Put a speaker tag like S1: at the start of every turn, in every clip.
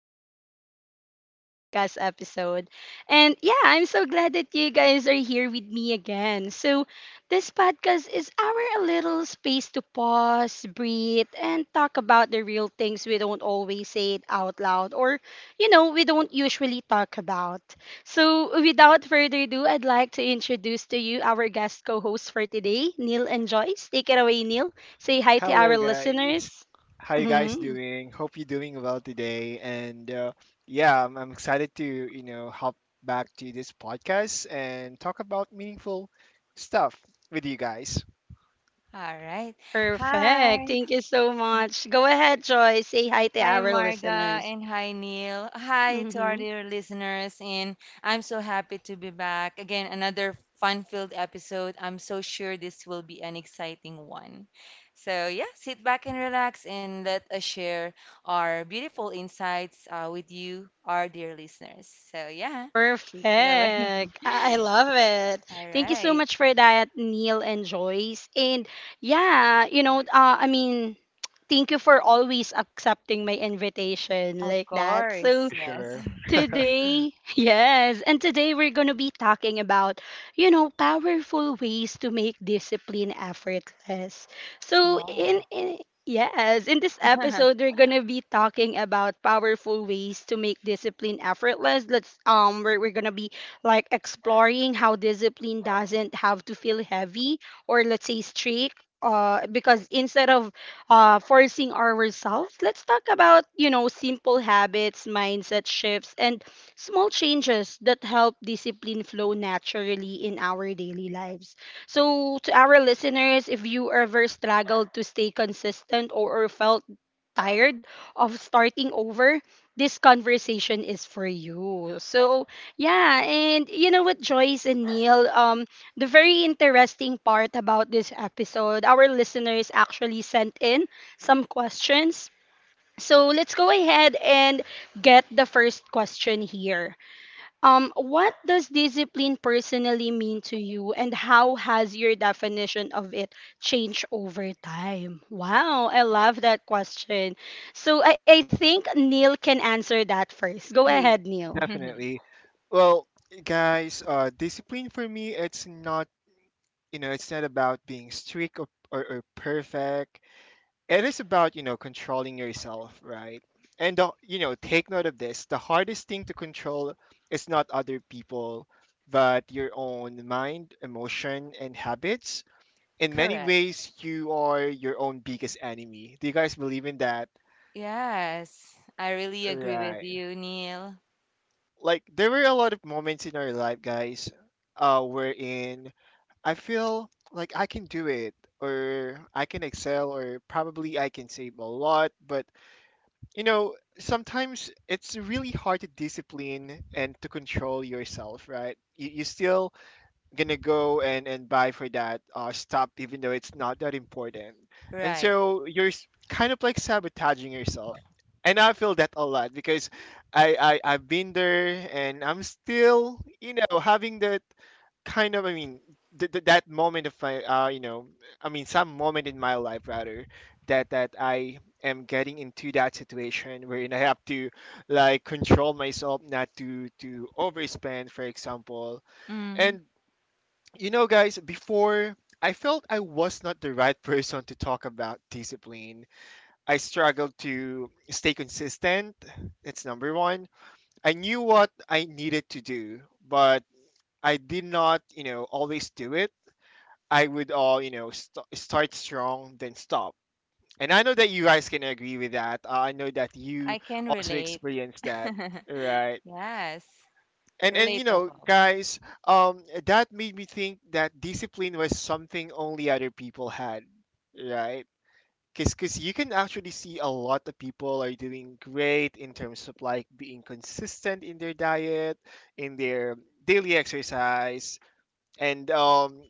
S1: welcome back to another podcast episode. And yeah, I'm so glad that you guys are here with me again. So this podcast is our little space to pause, breathe, and talk about the real things we don't always say it out loud, or, you know, we don't usually talk about. So, without further ado, I'd like to introduce to you our guest co hosts for today, Neil and Joyce. Take it away, Neil. Say hi to our
S2: Hello, guys.
S1: listeners?
S2: How you guys
S1: Mhm.
S2: doing? Hope you're doing well today. And yeah, I'm excited to hop back to this podcast and talk about meaningful stuff with you guys.
S3: All right.
S1: Perfect.
S3: Hi.
S1: Thank you so much. Go ahead, Joy. Say hi to
S3: Hi,
S1: our
S3: Marga,
S1: listeners.
S3: and hi, Neil. Hi to our
S1: Hmm.
S3: dear listeners, and I'm so happy to be back. Again, another fun-filled episode. I'm so sure this will be an exciting one. So, yeah, sit back and relax, and let us share our beautiful insights with you, our dear listeners. So, yeah, take it away.
S1: Perfect. I love it.
S3: All
S1: Thank you so
S3: right.
S1: much for that, Neil and Joyce. And yeah, I mean, thank you for always accepting my invitation
S3: Of
S1: like that.
S3: course.
S1: So
S3: Yes.
S2: Sure,
S1: today, yes, and today we're going to be talking about, you know, powerful ways to make discipline effortless. So,
S3: Wow.
S1: in yes, in this episode we're going to be talking about powerful ways to make discipline effortless. We're going to be like exploring how discipline doesn't have to feel heavy, or let's say strict, because instead of forcing ourselves. Let's talk about, you know, simple habits, mindset shifts, and small changes that help discipline flow naturally in our daily lives. So, to our listeners, if you ever struggled to stay consistent, or felt tired of starting over, this conversation is for you. So yeah, and you know what, Joyce and Neil, the very interesting part about this episode, our listeners actually sent in some questions. So let's go ahead and get the first question here. What does discipline personally mean to you, and how has your definition of it changed over time? Wow, I love that question. So I think Neil can answer that first. Go ahead,
S3: Hey,
S1: Neil.
S2: definitely. Well, guys, discipline for me, it's not about being strict, or perfect. It is about controlling yourself, right? And the, you know take note of this, the hardest thing to control is not other people, but your own mind, emotion, and habits. In many
S3: correct.
S2: ways, you are your own biggest enemy. Do you guys believe in that?
S3: Yes, I really agree with
S2: Right.
S3: you, Neil.
S2: Like there were a lot of moments in our life, guys, wherein I feel like I can do it, or I can excel, or probably I can save a lot, but you know, sometimes it's really hard to discipline and to control yourself, right? You still gonna go and buy for that stuff, even though it's not that important, and
S3: Right.
S2: so you're kind of like sabotaging yourself. And I feel that a lot because I've been there, and I'm still having that kind of, that moment of my some moment in my life, rather, that I am getting into that situation wherein I have to like control myself not to overspend, for example.
S3: Mm.
S2: And guys, before, I felt I was not the right person to talk about discipline. I struggled to stay consistent. That's number one. I knew what I needed to do, but I did not, you know, always do it. I would all, you know, st- start strong, then stop. And I know that you guys can agree with that. I know that you
S3: I can
S2: also
S3: relate.
S2: experienced that, right?
S3: Yes,
S2: And
S3: relatable.
S2: guys, that made me think that discipline was something only other people had, right? Because cause 'cause you can actually see a lot of people are doing great in terms of like being consistent in their diet, in their daily exercise, and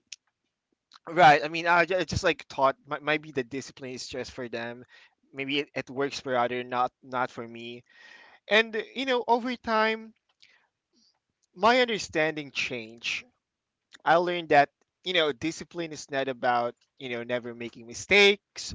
S2: right, I mean, I just like thought, maybe the discipline is just for them. Maybe it works for other, not for me. And over time, my understanding changed. I learned that discipline is not about never making mistakes,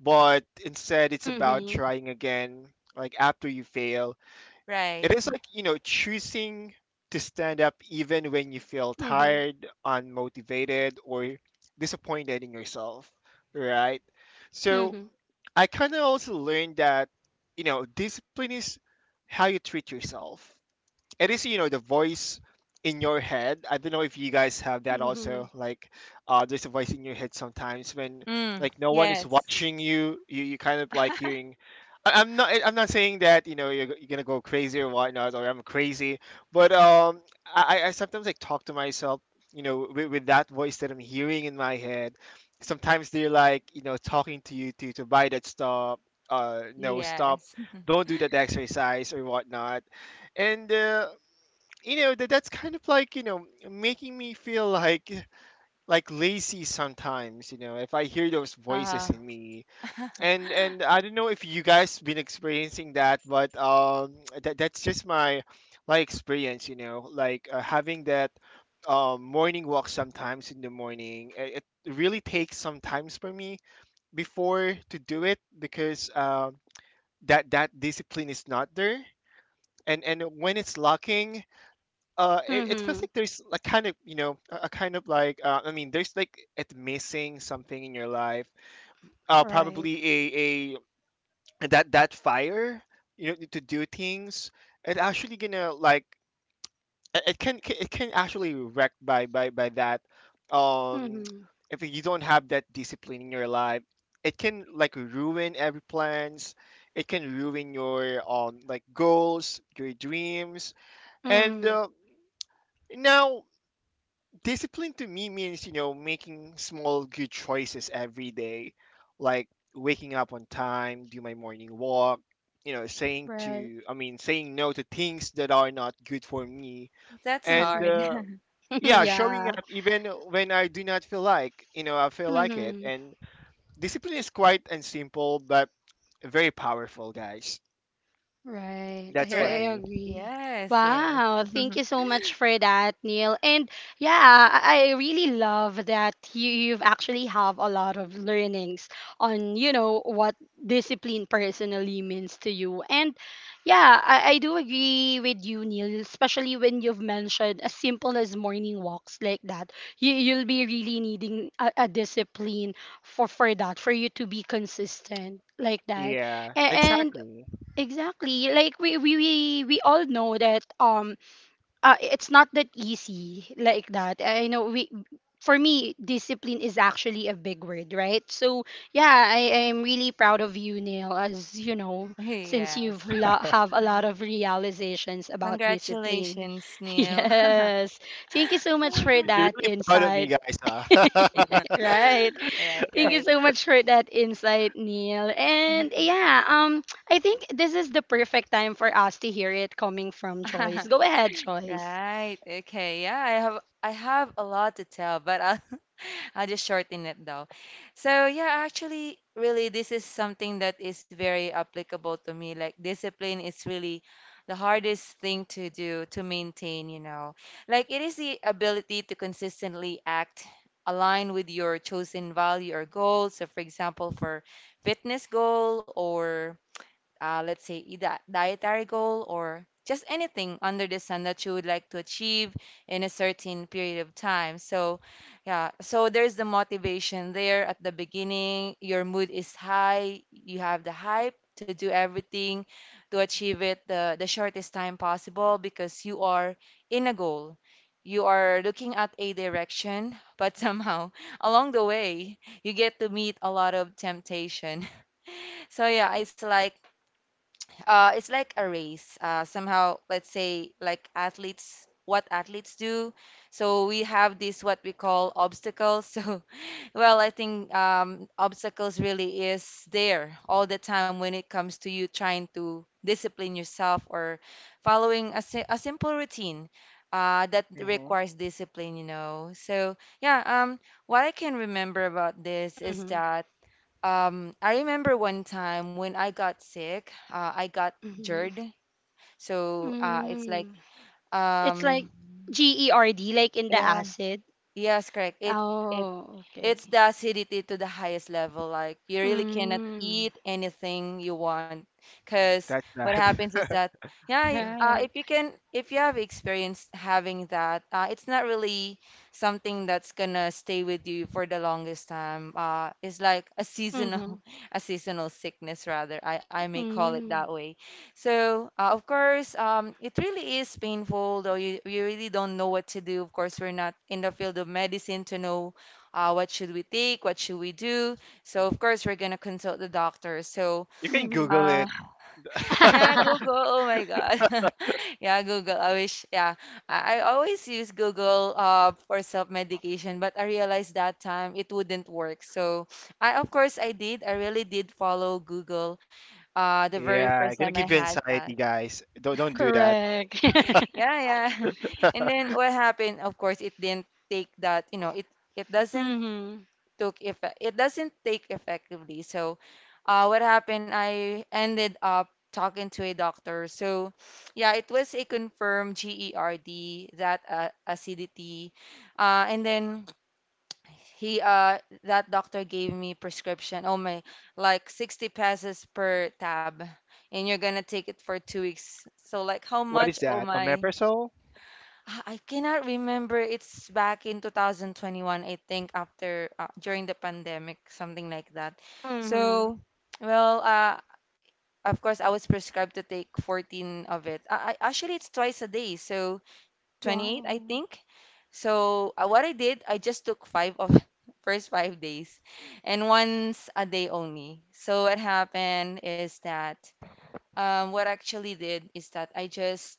S2: but instead it's about
S1: Mm-hmm.
S2: trying again. Like after you fail,
S3: Right.
S2: it is like choosing to stand up even when you feel
S1: Mm-hmm.
S2: tired, unmotivated, or disappointed in yourself, right?
S1: Mm-hmm.
S2: So I kind of also learned that discipline is how you treat yourself. It is the voice in your head. I don't know if you guys have that
S1: Mm-hmm.
S2: also, like there's a voice in your head sometimes when
S3: Mm,
S2: like no one is
S3: yes.
S2: watching you. You kind of like hearing. I'm not. I'm not saying that you're gonna go crazy or whatnot, or I'm crazy. But I, I sometimes like talk to myself, with that voice that I'm hearing in my head. Sometimes they're like, talking to you to buy that stuff. No, stop.
S3: Yes.
S2: Don't do that exercise or whatnot. And that's kind of like making me feel like lazy sometimes, if I hear those voices
S3: Uh,
S2: in me. And I don't know if you guys been experiencing that, but that's just my experience, like having that morning walk sometimes in the morning. It really takes some times for me before to do it, because that that discipline is not there, and when it's lacking, it
S1: Mm-hmm.
S2: feels like there's like kind of a kind of like there's like it missing something in your life,
S1: Right.
S2: probably a that fire, to do things. It actually gonna like, it can actually wrecked by by that, um
S1: Mm-hmm.
S2: if you don't have that discipline in your life, it can like ruin every plans. It can ruin your like goals, your dreams. and
S1: Mm-hmm.
S2: uh, now discipline to me means making small good choices every day, like waking up on time, do my morning walk, saying
S1: Right.
S2: to i mean saying no to things that are not good for me,
S3: that's
S2: and
S3: hard.
S1: Mm-hmm.
S2: yeah, showing
S1: Yeah.
S2: up even when I do not feel like you know I feel like it.
S1: Mm-hmm.
S2: And discipline is quite and simple but very powerful, guys.
S1: Right.
S2: That's
S1: I, I
S2: for
S1: I
S3: Correct.
S2: me.
S1: agree.
S3: Yes, yes.
S1: Wow. Thank you so much for that, Neil. And yeah, I really love that you've actually have a lot of learnings on, you know, what discipline personally means to you. And yeah, I do agree with you, Neil, especially when you've mentioned as simple as morning walks like that. You'll be really needing a discipline for that, for you to be consistent like that.
S2: Yeah,
S1: A- And,
S2: exactly.
S1: Exactly. Like we all know that it's not that easy like that. I know we, for me discipline is actually a big word, right? So yeah, I am really proud of you, Neil, as you know, since
S3: Yes.
S1: you've have a lot of realizations about discipline.
S3: Congratulations, Neil.
S1: Yes. Thank you so much for
S2: You're
S1: that
S2: really proud of me,
S1: insight.
S2: guys, huh?
S1: Right.
S3: Right,
S1: Thank you
S3: right.
S1: so much for that insight, Neil. And
S3: Okay.
S1: yeah, I think this is the perfect time for us to hear it coming from Joyce. Go ahead, Joyce.
S3: Right. Okay. Yeah, I have a lot to tell, but I'll I'll just shorten it though. So yeah, actually, really, this is something that is very applicable to me. Like discipline is really the hardest thing to do to maintain, you know. Like it is the ability to consistently act align with your chosen value or goal. So for example, for fitness goal or let's say, a dietary goal or just anything under the sun that you would like to achieve in a certain period of time. So, yeah, so there's the motivation there at the beginning. Your mood is high, you have the hype to do everything to achieve it the shortest time possible because you are in a goal. You are looking at a direction, but somehow along the way, you get to meet a lot of temptation. So, yeah, it's like a race. Somehow, let's say, like athletes, what athletes do. So we have this what we call obstacles. So, well, I think obstacles really is there all the time when it comes to you trying to discipline yourself or following a simple routine. That
S2: Hmm,
S3: requires discipline, you know. So yeah, what I can remember about this is
S1: Mm-hmm.
S3: that I remember one time when I got sick, I got
S1: Mm-hmm.
S3: GERD. So it's like,
S1: Mm. It's
S3: um,
S1: like GERD, like in the
S3: yeah,
S1: acid.
S3: yes, correct. It
S1: Oh,
S3: It's
S1: okay.
S3: the acidity to the highest level. Like you really cannot
S1: Mm.
S3: eat anything you want, because
S2: that's
S3: what
S2: bad.
S3: happens is that yeah, if
S1: Right.
S3: you can, if you have experienced having that, it's not really something that's gonna stay with you for the longest time. It's like a seasonal,
S1: Mm-hmm.
S3: a seasonal sickness rather. I may call it that
S1: Mm.
S3: way. So, of course, it really is painful, though you really don't know what to do. Of course, we're not in the field of medicine to know what should we take, what should we do. So of course we're gonna consult the doctor. So
S2: You can
S1: Mm-hmm.
S2: Google
S3: uh,
S2: it.
S3: yeah, Google. Oh my God, yeah, Google. I wish. Yeah, I always use Google for self medication, but I realized that time it wouldn't work. So I of course I did. I really did follow Google. The very first
S2: Yeah,
S3: time
S2: gonna
S3: I
S2: give you
S3: had
S2: anxiety,
S3: that.
S2: guys. Don't do that.
S1: Correct.
S3: Yeah, yeah. And then what happened? Of course, it didn't take that. You know, it doesn't
S1: Mm-hmm.
S3: took effect. It doesn't take effectively. So, what happened? I ended up talking to a doctor. So, yeah, it was a confirmed GERD that acidity, and then he that doctor gave me prescription. Oh my, like 60 pesos per tab, and you're gonna take it for 2 weeks. So like how
S2: What
S3: much?
S2: is
S3: Oh
S2: that?
S3: my.
S2: Omeprazole?
S3: Ah, I cannot remember. It's back in 2021, I think, after during the pandemic, something like that.
S1: Mm-hmm.
S3: So, well, of course, I was prescribed to take 14 of it. Actually, it's twice a day, so 28,
S1: Wow.
S3: I think. So, what I did, I just took five of first 5 days, and once a day only. So, what happened is that what I actually did is that I just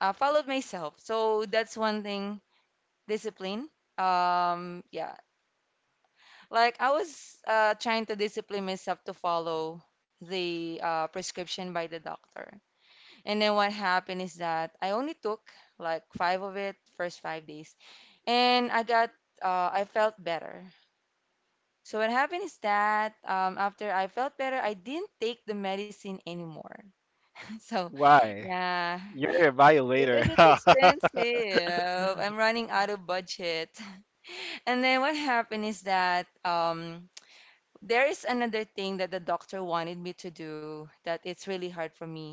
S3: followed myself. So, that's one thing discipline. Yeah, like I was trying to discipline myself to follow the prescription by the doctor. And then what happened is that I only took like five of it first 5 days, and I got I felt better. So what happened is that after I felt better, I didn't take the medicine anymore. So
S2: Why?
S3: yeah,
S2: You're a violator.
S3: because it's expensive, I'm running out of budget. And then what happened is that there is another thing that the doctor wanted me to do that it's really hard for me.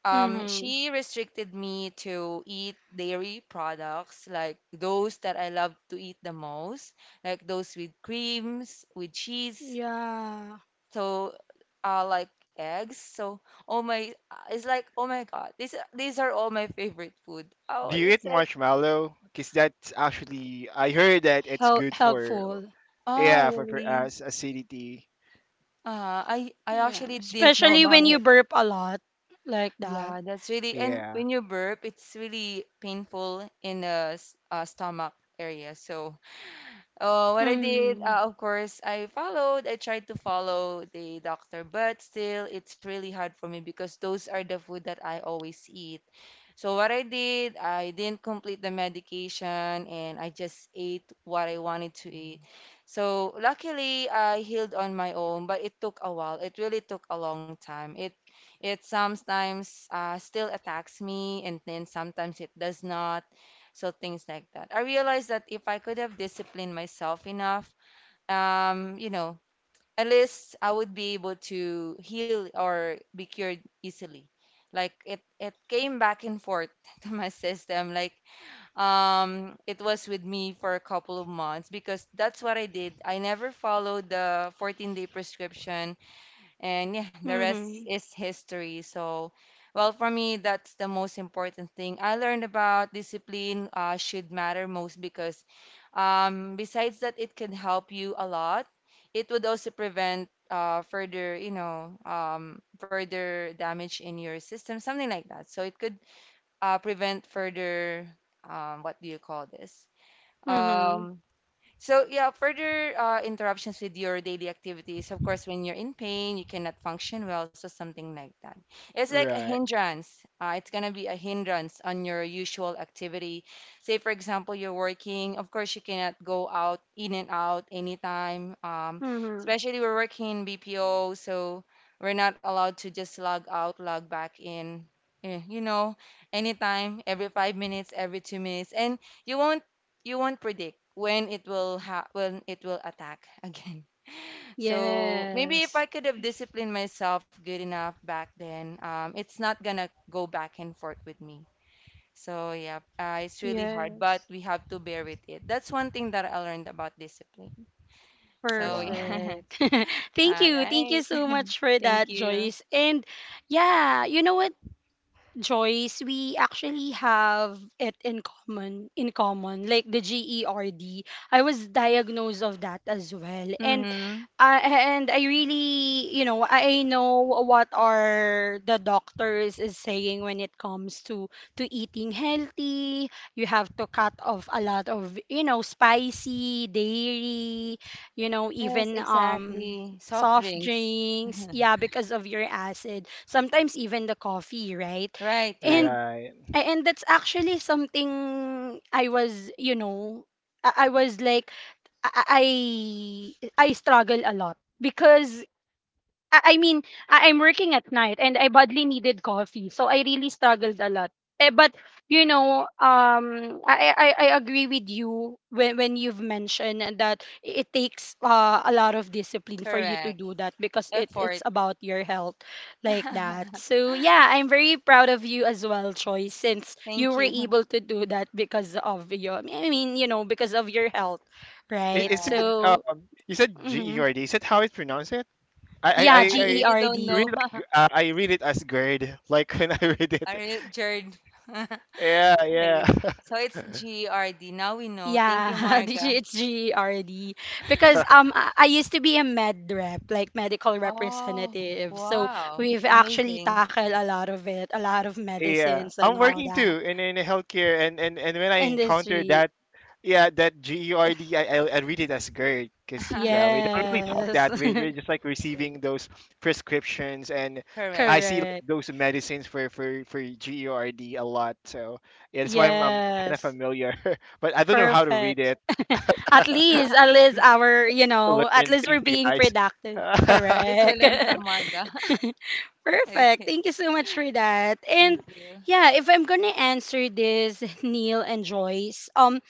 S1: Mm-hmm.
S3: She restricted me to eat dairy products, like those that I love to eat the most, like those with creams, with cheese,
S1: Yeah.
S3: so like eggs. So, oh my, it's like, oh my God, these are all my favorite food. Oh,
S2: Do you eat
S3: it's like,
S2: marshmallow? Cause that's actually, I heard that it's
S1: Help.
S2: good for.
S1: Helpful.
S3: oh
S2: Yeah, for
S3: really?
S2: us acidity.
S3: I
S1: Yeah,
S3: actually didn't know
S1: especially
S3: about
S1: when
S3: it.
S1: you burp a lot like that.
S3: Yeah, that's really, and
S2: Yeah.
S3: when you burp, it's really painful in the stomach area. So, what I did,
S1: Mm.
S3: of course, I followed, I tried to follow the doctor, but still, it's really hard for me because those are the food that I always eat. So what I did, I didn't complete the medication and I just ate what I wanted to eat. So luckily I healed on my own, but it took a while. It really took a long time. It sometimes still attacks me and then sometimes it does not. So things like that. I realized that if I could have disciplined myself enough, you know, at least I would be able to heal or be cured easily. Like it came back and forth to my system. Like it was with me for a couple of months because that's what I did. I never followed the 14-day prescription and yeah, the rest
S1: Mhm.
S3: is history. So, well, for me, that's the most important thing I learned about discipline should matter most because besides that, it can help you a lot. It would also prevent further, you know, further damage in your system, something like that. So it could prevent further, what do you call this?
S1: Mhm.
S3: Um, so yeah, further interruptions with your daily activities. Of course, when you're in pain, you cannot function well, so something like that. It's like a
S2: Right.
S3: hindrance. It's gonna be a hindrance on your usual activity. Say, for example, you're working. Of course, you cannot go out in and out anytime.
S1: Mhm.
S3: Especially we're working in BPO, so we're not allowed to just log out, log back in. You know, anytime, every 5 minutes, every 2 minutes, and you won't you won't predict when when it will attack again. So maybe if
S1: Yes.
S3: I could have disciplined myself good enough back then, it's not gonna go back and forth with me. So yeah, it's really hard, but
S1: Yes.
S3: we have to bear with it. That's one thing that I learned about discipline. So
S2: Wow.
S3: yeah,
S1: Perfect. Thank
S3: all
S1: you. Thank you
S3: right.
S1: so much for
S3: Thank
S1: that,
S3: you.
S1: Joyce. And yeah, you know what? Joyce, we actually have it in common, like the GERD. I was diagnosed of that as well. And
S3: Mm-hmm.
S1: I, and I really, you know, I know what are the doctors is saying when it comes to eating healthy. You have to cut off a lot of, you know, spicy, dairy, you know,
S3: Yes,
S1: even
S3: exactly. Soft
S1: soft
S3: drinks.
S1: drinks, yeah, because of your acid. Sometimes even the coffee, right?
S3: Right, right.
S1: and
S2: Right.
S1: and that's actually something I was, you know, I was like I struggle a lot because I mean, I, I'm working at night and I badly needed coffee, so I really struggled a lot. Eh, but you know, I agree with you when you've mentioned that it takes a lot of discipline for you to
S3: Correct.
S1: do that because it's
S3: Effort.
S1: about your health like that. So yeah, I'm very proud of you as well, Choi, since
S3: Thank
S1: you were
S3: you.
S1: able to do that because of your, I mean, you know, because of your health, right?
S2: Is it?
S3: Yes.
S1: So.
S2: You said G E
S1: Mhm.
S2: R D. Is that how it's pronounced? It. I I I.
S3: I
S1: Yeah,
S3: I
S2: I
S3: really don't
S2: I
S1: GERD.
S2: read
S3: know.
S2: like, I read it as GERD, like, when I read
S3: Are
S2: it.
S3: Jared?
S2: Yeah, yeah.
S3: Jared. So it's GRD. Now we know. Thank you,
S1: Yeah,
S3: Marga.
S1: it's GERD because I used to be a med rep, like medical
S3: Oh,
S1: representative. So
S3: wow.
S1: we've actually
S3: Amazing.
S1: tackled a lot of it, a lot of
S2: Yeah,
S1: medicines and
S2: I'm
S1: all
S2: working
S1: that.
S2: too in healthcare, and when I encounter
S1: Industry.
S2: that, yeah, that GERD, I read it as GERD because, yeah, we don't really talk
S1: Yes.
S2: that. We're just like
S3: It's
S2: receiving
S3: really-
S2: those prescriptions, and
S3: Correct.
S2: I see like
S1: Correct.
S2: those medicines for GERD a lot. So yeah, that's why I'm kind of
S1: Yes.
S2: familiar, but I don't know how to read
S1: Perfect.
S2: it.
S3: At
S1: At least our, you
S2: To
S1: know, at
S2: learn,
S1: least
S2: thank
S1: we're
S2: you
S1: being
S2: guys.
S1: productive.
S3: least we
S1: Correct.
S3: learned from Marga.
S1: Perfect.
S3: Okay.
S1: Thank you so much for that. And
S3: Thank you.
S1: yeah, if I'm gonna answer this, Neil and Joyce,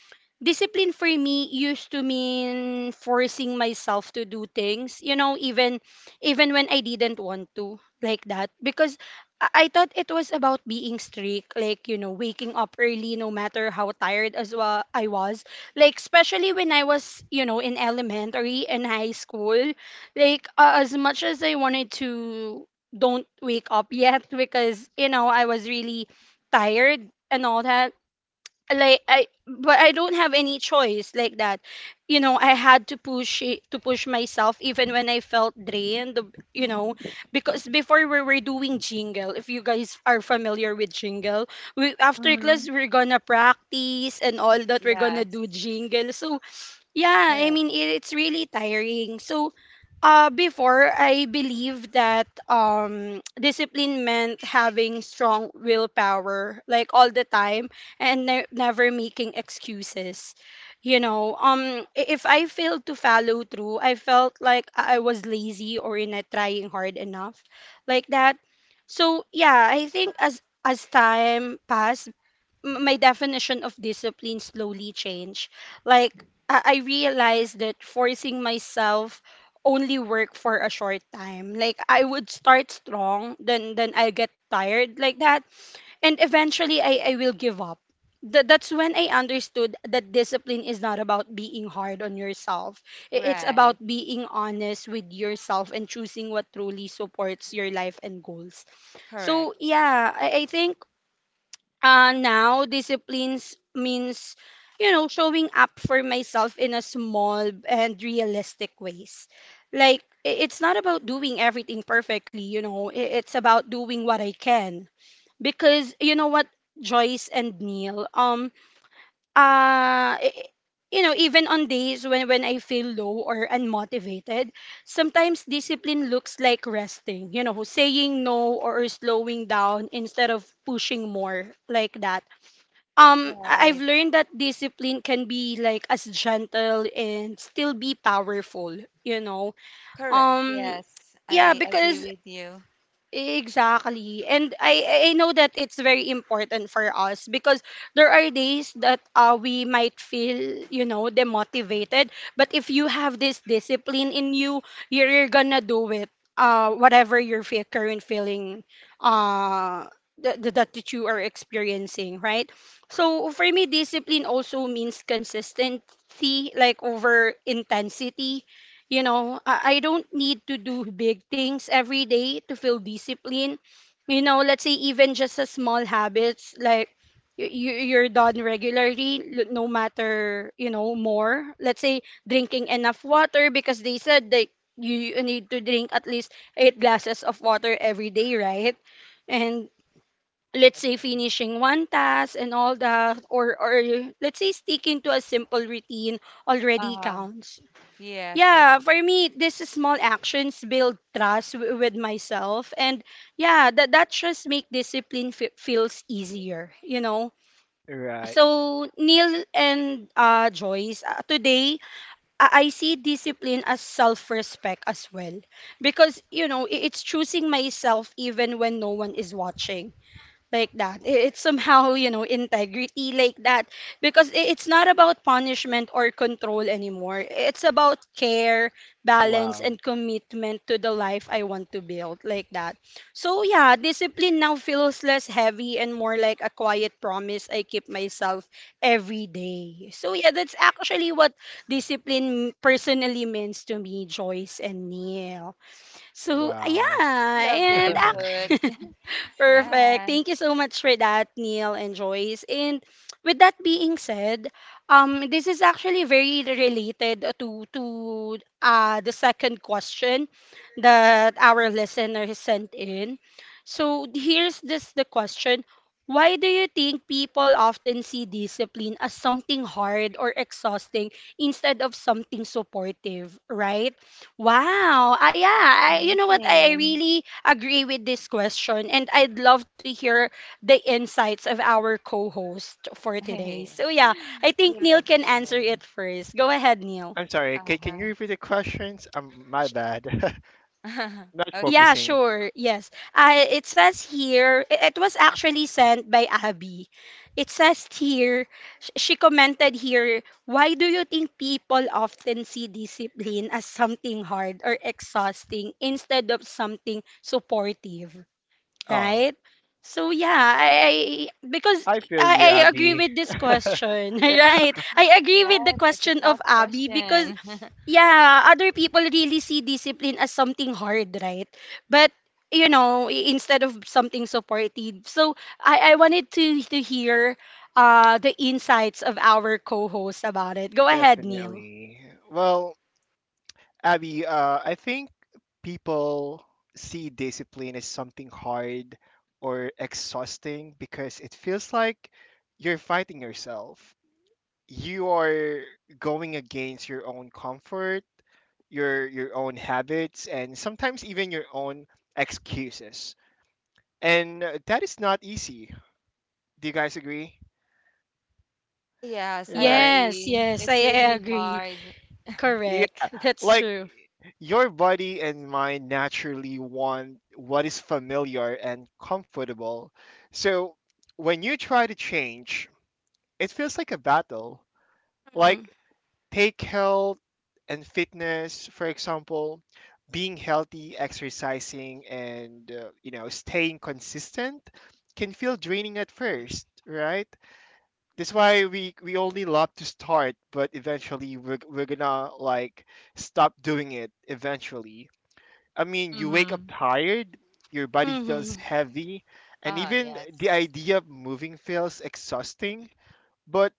S1: discipline for me used to mean forcing myself to do things, you know, even when I didn't want to, like that, because I thought it was about being strict, like, you know, waking up early no matter how tired as well I was, like especially when I was, you know, in elementary and high school, like as much as I wanted to don't wake up yet because, you know, I was really tired and all that, like I, but I don't have any choice like that. You know, I had to push it, to push myself even when I felt drained, you know, because before we were doing jingle, if you guys are familiar with jingle, we after
S3: Mm-hmm.
S1: class we're gonna practice and all that, we're gonna do
S3: Yes.
S1: jingle. So yeah, I
S3: Correct.
S1: mean it's really tiring. So, before I believe that discipline meant having strong willpower like all the time and never making excuses. You know, if I failed to follow through, I felt like I was lazy or not trying hard enough, like that. So yeah, I think as time passed, my definition of discipline slowly changed. Like I realized that forcing myself only work for a short time. Like I would start strong, then I get tired like that, and eventually I will give up. That's when I understood that discipline is not about being hard on yourself. It's about
S3: Right.
S1: being honest with yourself and choosing what truly supports your life and goals.
S3: Correct.
S1: So yeah, I think, now disciplines means, you know, showing up for myself in a small and realistic ways, like it's not about doing everything perfectly, you know, it's about doing what I can because, you know what, Joyce and Neil, uh i- you know, even on days when I feel low or unmotivated, sometimes discipline looks like resting, you know, saying no or slowing down instead of pushing more like that. I've
S3: Right.
S1: learned that discipline can be like as gentle and still be powerful, you know.
S3: Correct.
S1: Um
S3: Yes.
S1: yeah,
S3: I
S1: because
S3: agree with you.
S1: exactly. And I know that it's very important for us because there are days that, we might feel, you know, demotivated, but if you have this discipline in you, you're gonna do it. Whatever your current feeling uh that you are experiencing, right? So for me discipline also means consistency like over intensity, you know, I don't need to do big things every day to feel discipline. You know, let's say even just a small habits like, you're done regularly, no matter, you know, more. Let's say drinking enough water because they said that you need to drink at least eight glasses of water every day, right? And let's
S3: Correct.
S1: say finishing one task and all that, or let's say sticking to a simple routine already
S3: Uh-huh.
S1: counts.
S3: Yes. Yes.
S1: Yeah, for me, these small actions build trust with myself, and yeah, that just make discipline feels easier, you know.
S2: Right.
S1: So Neil and, Joyce, today I see discipline as self-respect as well, because, you know, it's choosing myself even when no one is watching, like that. It's somehow, you know, integrity like that because it's not about punishment or control anymore. It's about care, balance,
S2: Wow.
S1: and commitment to the life I want to build, like that. So yeah, discipline now feels less heavy and more like a quiet promise I keep myself every day. So yeah, that's actually what discipline personally means to me, Joyce and Neil. So yeah,
S2: Wow.
S3: I love the
S1: and
S3: input.
S1: act. Perfect.
S3: Yes.
S1: Thank you so much for that, Neil and Joyce. And with that being said, this is actually very related to the second question that our listener sent in. So here's this the question. Why do you think people often see discipline as something hard or exhausting instead of something supportive, right? Wow. I yeah, I, you know what? I
S3: Amazing.
S1: really agree with this question and I'd love to hear the insights of our co-host for today. So yeah, I think
S3: We
S1: Neil
S3: love to
S1: can answer
S3: share.
S1: it first. Go ahead, Neil.
S2: I'm sorry. Can you
S3: Uh-huh.
S2: repeat the questions? My bad. Not
S1: Yeah,
S3: Okay.
S2: focusing.
S1: sure. Yes. It says here, it was actually sent by Abby. It says here, she commented here, why do you think people often see discipline as something hard or exhausting instead of something supportive,
S2: Oh,
S1: right? So yeah, I because
S2: I feel you,
S1: I agree
S2: Abby.
S1: with this question, right? I agree with the
S3: Yes, it's a
S1: question of
S3: tough
S1: Abby because
S3: question.
S1: yeah, other people really see discipline as something hard, right? But you know, instead of something supportive. So I wanted to hear the insights of our co-host about it. Go ahead, Neil.
S2: Definitely. Well, Abby, I think people see discipline as something hard or exhausting because it feels like you're fighting yourself. You are going against your own comfort, your own habits, and sometimes even your own excuses. And that is not easy. Do you guys agree?
S3: Oh, yes, I
S2: Right?
S1: Yes,
S3: agree.
S1: yes, I
S3: It's
S1: I
S3: really
S1: agree.
S3: hard.
S2: Yeah.
S1: Correct. That's
S2: Like
S1: true.
S2: your body and mind naturally want what is familiar and comfortable. So when you try to change, it feels like a battle.
S1: Mhm.
S2: Like take health and fitness, for example, being healthy, exercising, and staying consistent can feel draining at first, right? That's why we only love to start, but eventually we're gonna like stop doing it eventually. I mean, you wake up
S3: Mm-hmm.
S2: tired, your body feels
S1: Mhm.
S2: heavy, and
S3: Oh,
S2: even the
S3: yes.
S2: idea of moving feels exhausting. But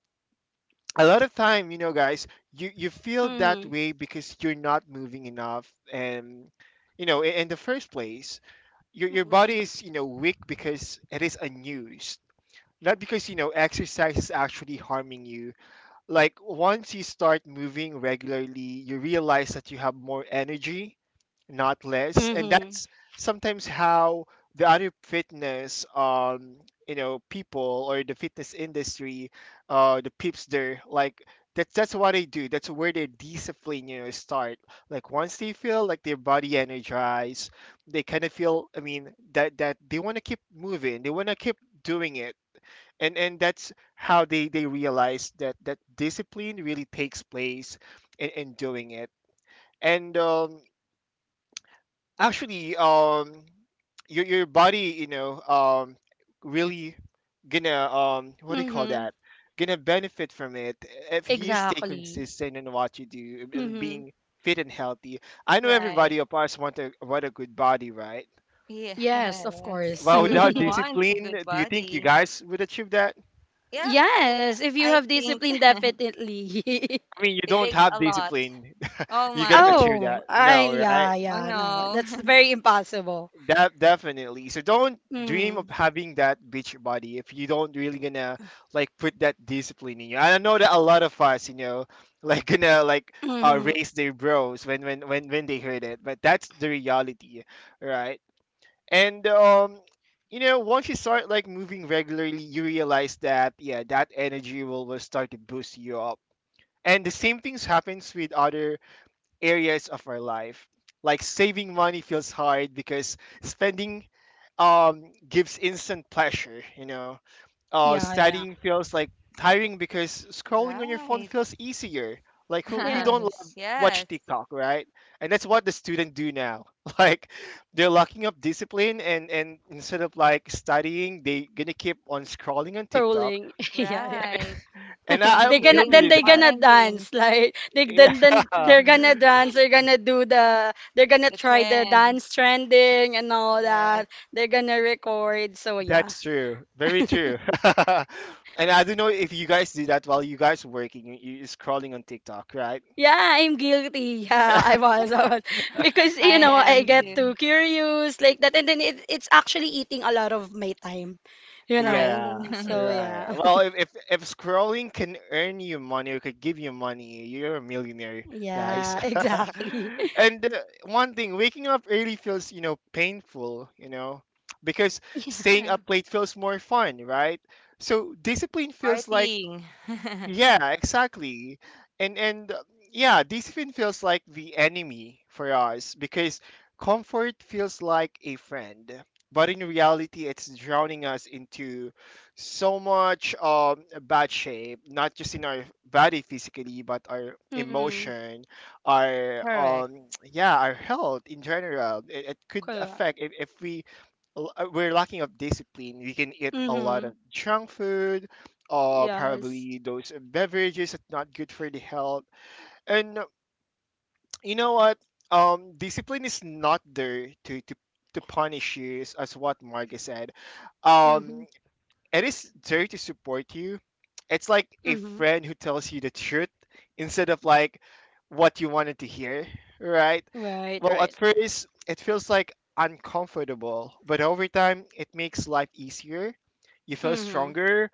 S2: a lot of time, guys, you feel that
S1: Mhm.
S2: way because you're not moving enough, and in the first place, your
S1: Mhm.
S2: body is weak because it is unused, not because exercise is actually harming you. Like once you start moving regularly, you realize that you have more energy, not less, and
S1: Mhm.
S2: that's sometimes how the other fitness, people, or the fitness industry, the peeps there, like that's what they do. That's where their discipline start. Like once they feel like their body energized, they kind of feel that they want to keep moving. They want to keep doing it, and that's how they realize that discipline really takes place in doing it. And actually, your body, really gonna, what do you call
S1: Mhm.
S2: that, gonna benefit from it if you stay
S1: Exactly.
S2: consistent in what you do and
S1: Mhm.
S2: being fit and healthy. I know
S3: Right.
S2: everybody of us want a good body, right?
S1: Yes, of
S3: Yes.
S1: course.
S2: But
S3: Everyone
S2: without
S3: wants a
S2: discipline,
S3: good
S2: do you think you
S3: body.
S2: guys would achieve that?
S3: Yeah, oh,
S1: Yes, if you
S3: I
S1: have
S3: think
S1: discipline, definitely.
S2: I mean, you
S3: it
S2: don't
S3: takes
S2: have
S3: a lot.
S2: discipline,
S3: Oh,
S2: you're
S3: my.
S2: gonna achieve
S1: Oh,
S2: that?
S1: I
S2: No, right?
S1: yeah,
S3: Oh,
S1: yeah, no,
S3: no.
S1: that's very impossible.
S2: That definitely. So don't dream of
S1: Mm-hmm.
S2: having that beach body if you don't really gonna like put that discipline in you. And I know that a lot of us, like gonna like
S1: Mm-hmm.
S2: raise their bros when they heard it. But that's the reality, right? And once you start like moving regularly, you realize that, yeah, that energy will, start to boost you up. And the same things happens with other areas of our life. Like saving money feels hard because spending gives instant pleasure. Uh,
S1: Yeah, yeah.
S2: studying feels like tiring because scrolling on your phone
S3: Right.
S2: feels easier. Like who don't love
S1: Yes.
S2: watch
S3: Yes,
S2: TikTok, right? And that's what the student do now. Like they're locking up discipline, and instead of like studying, they gonna keep on scrolling on TikTok.
S1: Rolling. Yeah, yeah.
S3: right.
S2: And I,
S3: And
S1: They're
S2: I'm
S1: gonna
S3: playing
S2: guilty
S1: then
S2: with
S1: they're
S2: that.
S1: gonna
S3: online
S1: dance.
S3: games.
S1: Like they then
S2: Yeah.
S1: they're gonna dance, they're gonna
S3: The
S1: try the
S3: trend.
S1: dance trending and all
S3: Yes.
S1: that. They're gonna record. So yeah.
S2: That's true. Very true. And I don't know if you guys do that while you guys working. You scrolling on TikTok, right?
S1: Yeah, I'm guilty. Yeah, I was. Because,
S3: I
S1: I
S3: am
S1: get
S3: too.
S1: too curious like that. And then it's actually eating a lot of my time, you
S3: Correct.
S2: Yeah,
S1: know. So,
S2: right.
S1: yeah.
S2: Well, if, if scrolling can earn you money or could give you money, you're a millionaire, guys.
S1: Yeah, exactly.
S2: and one thing, waking up early feels, you know, painful, you know, because staying
S1: Yeah.
S2: up late feels more fun, right? So discipline feels like…
S3: Partying.
S2: Yeah, exactly. And yeah, discipline feels like the enemy for us because comfort feels like a friend. But in reality, it's drowning us into so much bad shape, not just in our body physically, but our
S1: Mm-hmm.
S2: emotion, our
S3: Correct.
S2: yeah, our health in general. It could
S1: Correct.
S2: affect if, if we're lacking of discipline. We can eat a lot
S1: Mm-hmm.
S2: of junk food
S1: Yes.
S2: probably those beverages that's not good for the health. And you know what? Discipline is not there to punish you, as what Marga said. Um,
S1: Mm-hmm.
S2: it is there to support you. It's like a
S1: Mm-hmm.
S2: friend who tells you the truth instead of like what you wanted to hear, right?
S1: Right,
S2: Well, at
S1: right.
S2: first, it feels like uncomfortable, but over time, it makes life easier. You feel
S1: Mm-hmm.
S2: stronger,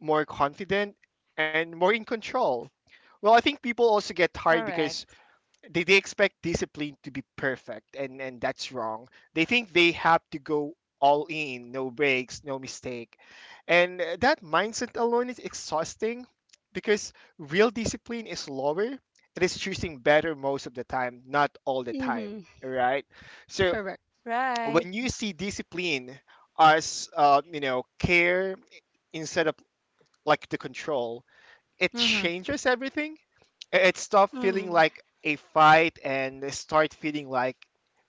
S2: more confident, and more in control. Well, I think people also get tired because
S3: Correct.
S2: they expect discipline to be perfect, and that's wrong. They think they have to go all in, no breaks, no mistake, and that mindset alone is exhausting, because real discipline is lower. It is choosing better most of the time, not all the
S1: Mm-hmm.
S2: time, right? So
S1: Correct.
S3: Right.
S2: when you see discipline as you know, care instead of like the control, it
S3: Mm-hmm.
S2: changes everything. It stopped feeling
S1: Mm-hmm.
S2: like a fight and it start feeling like,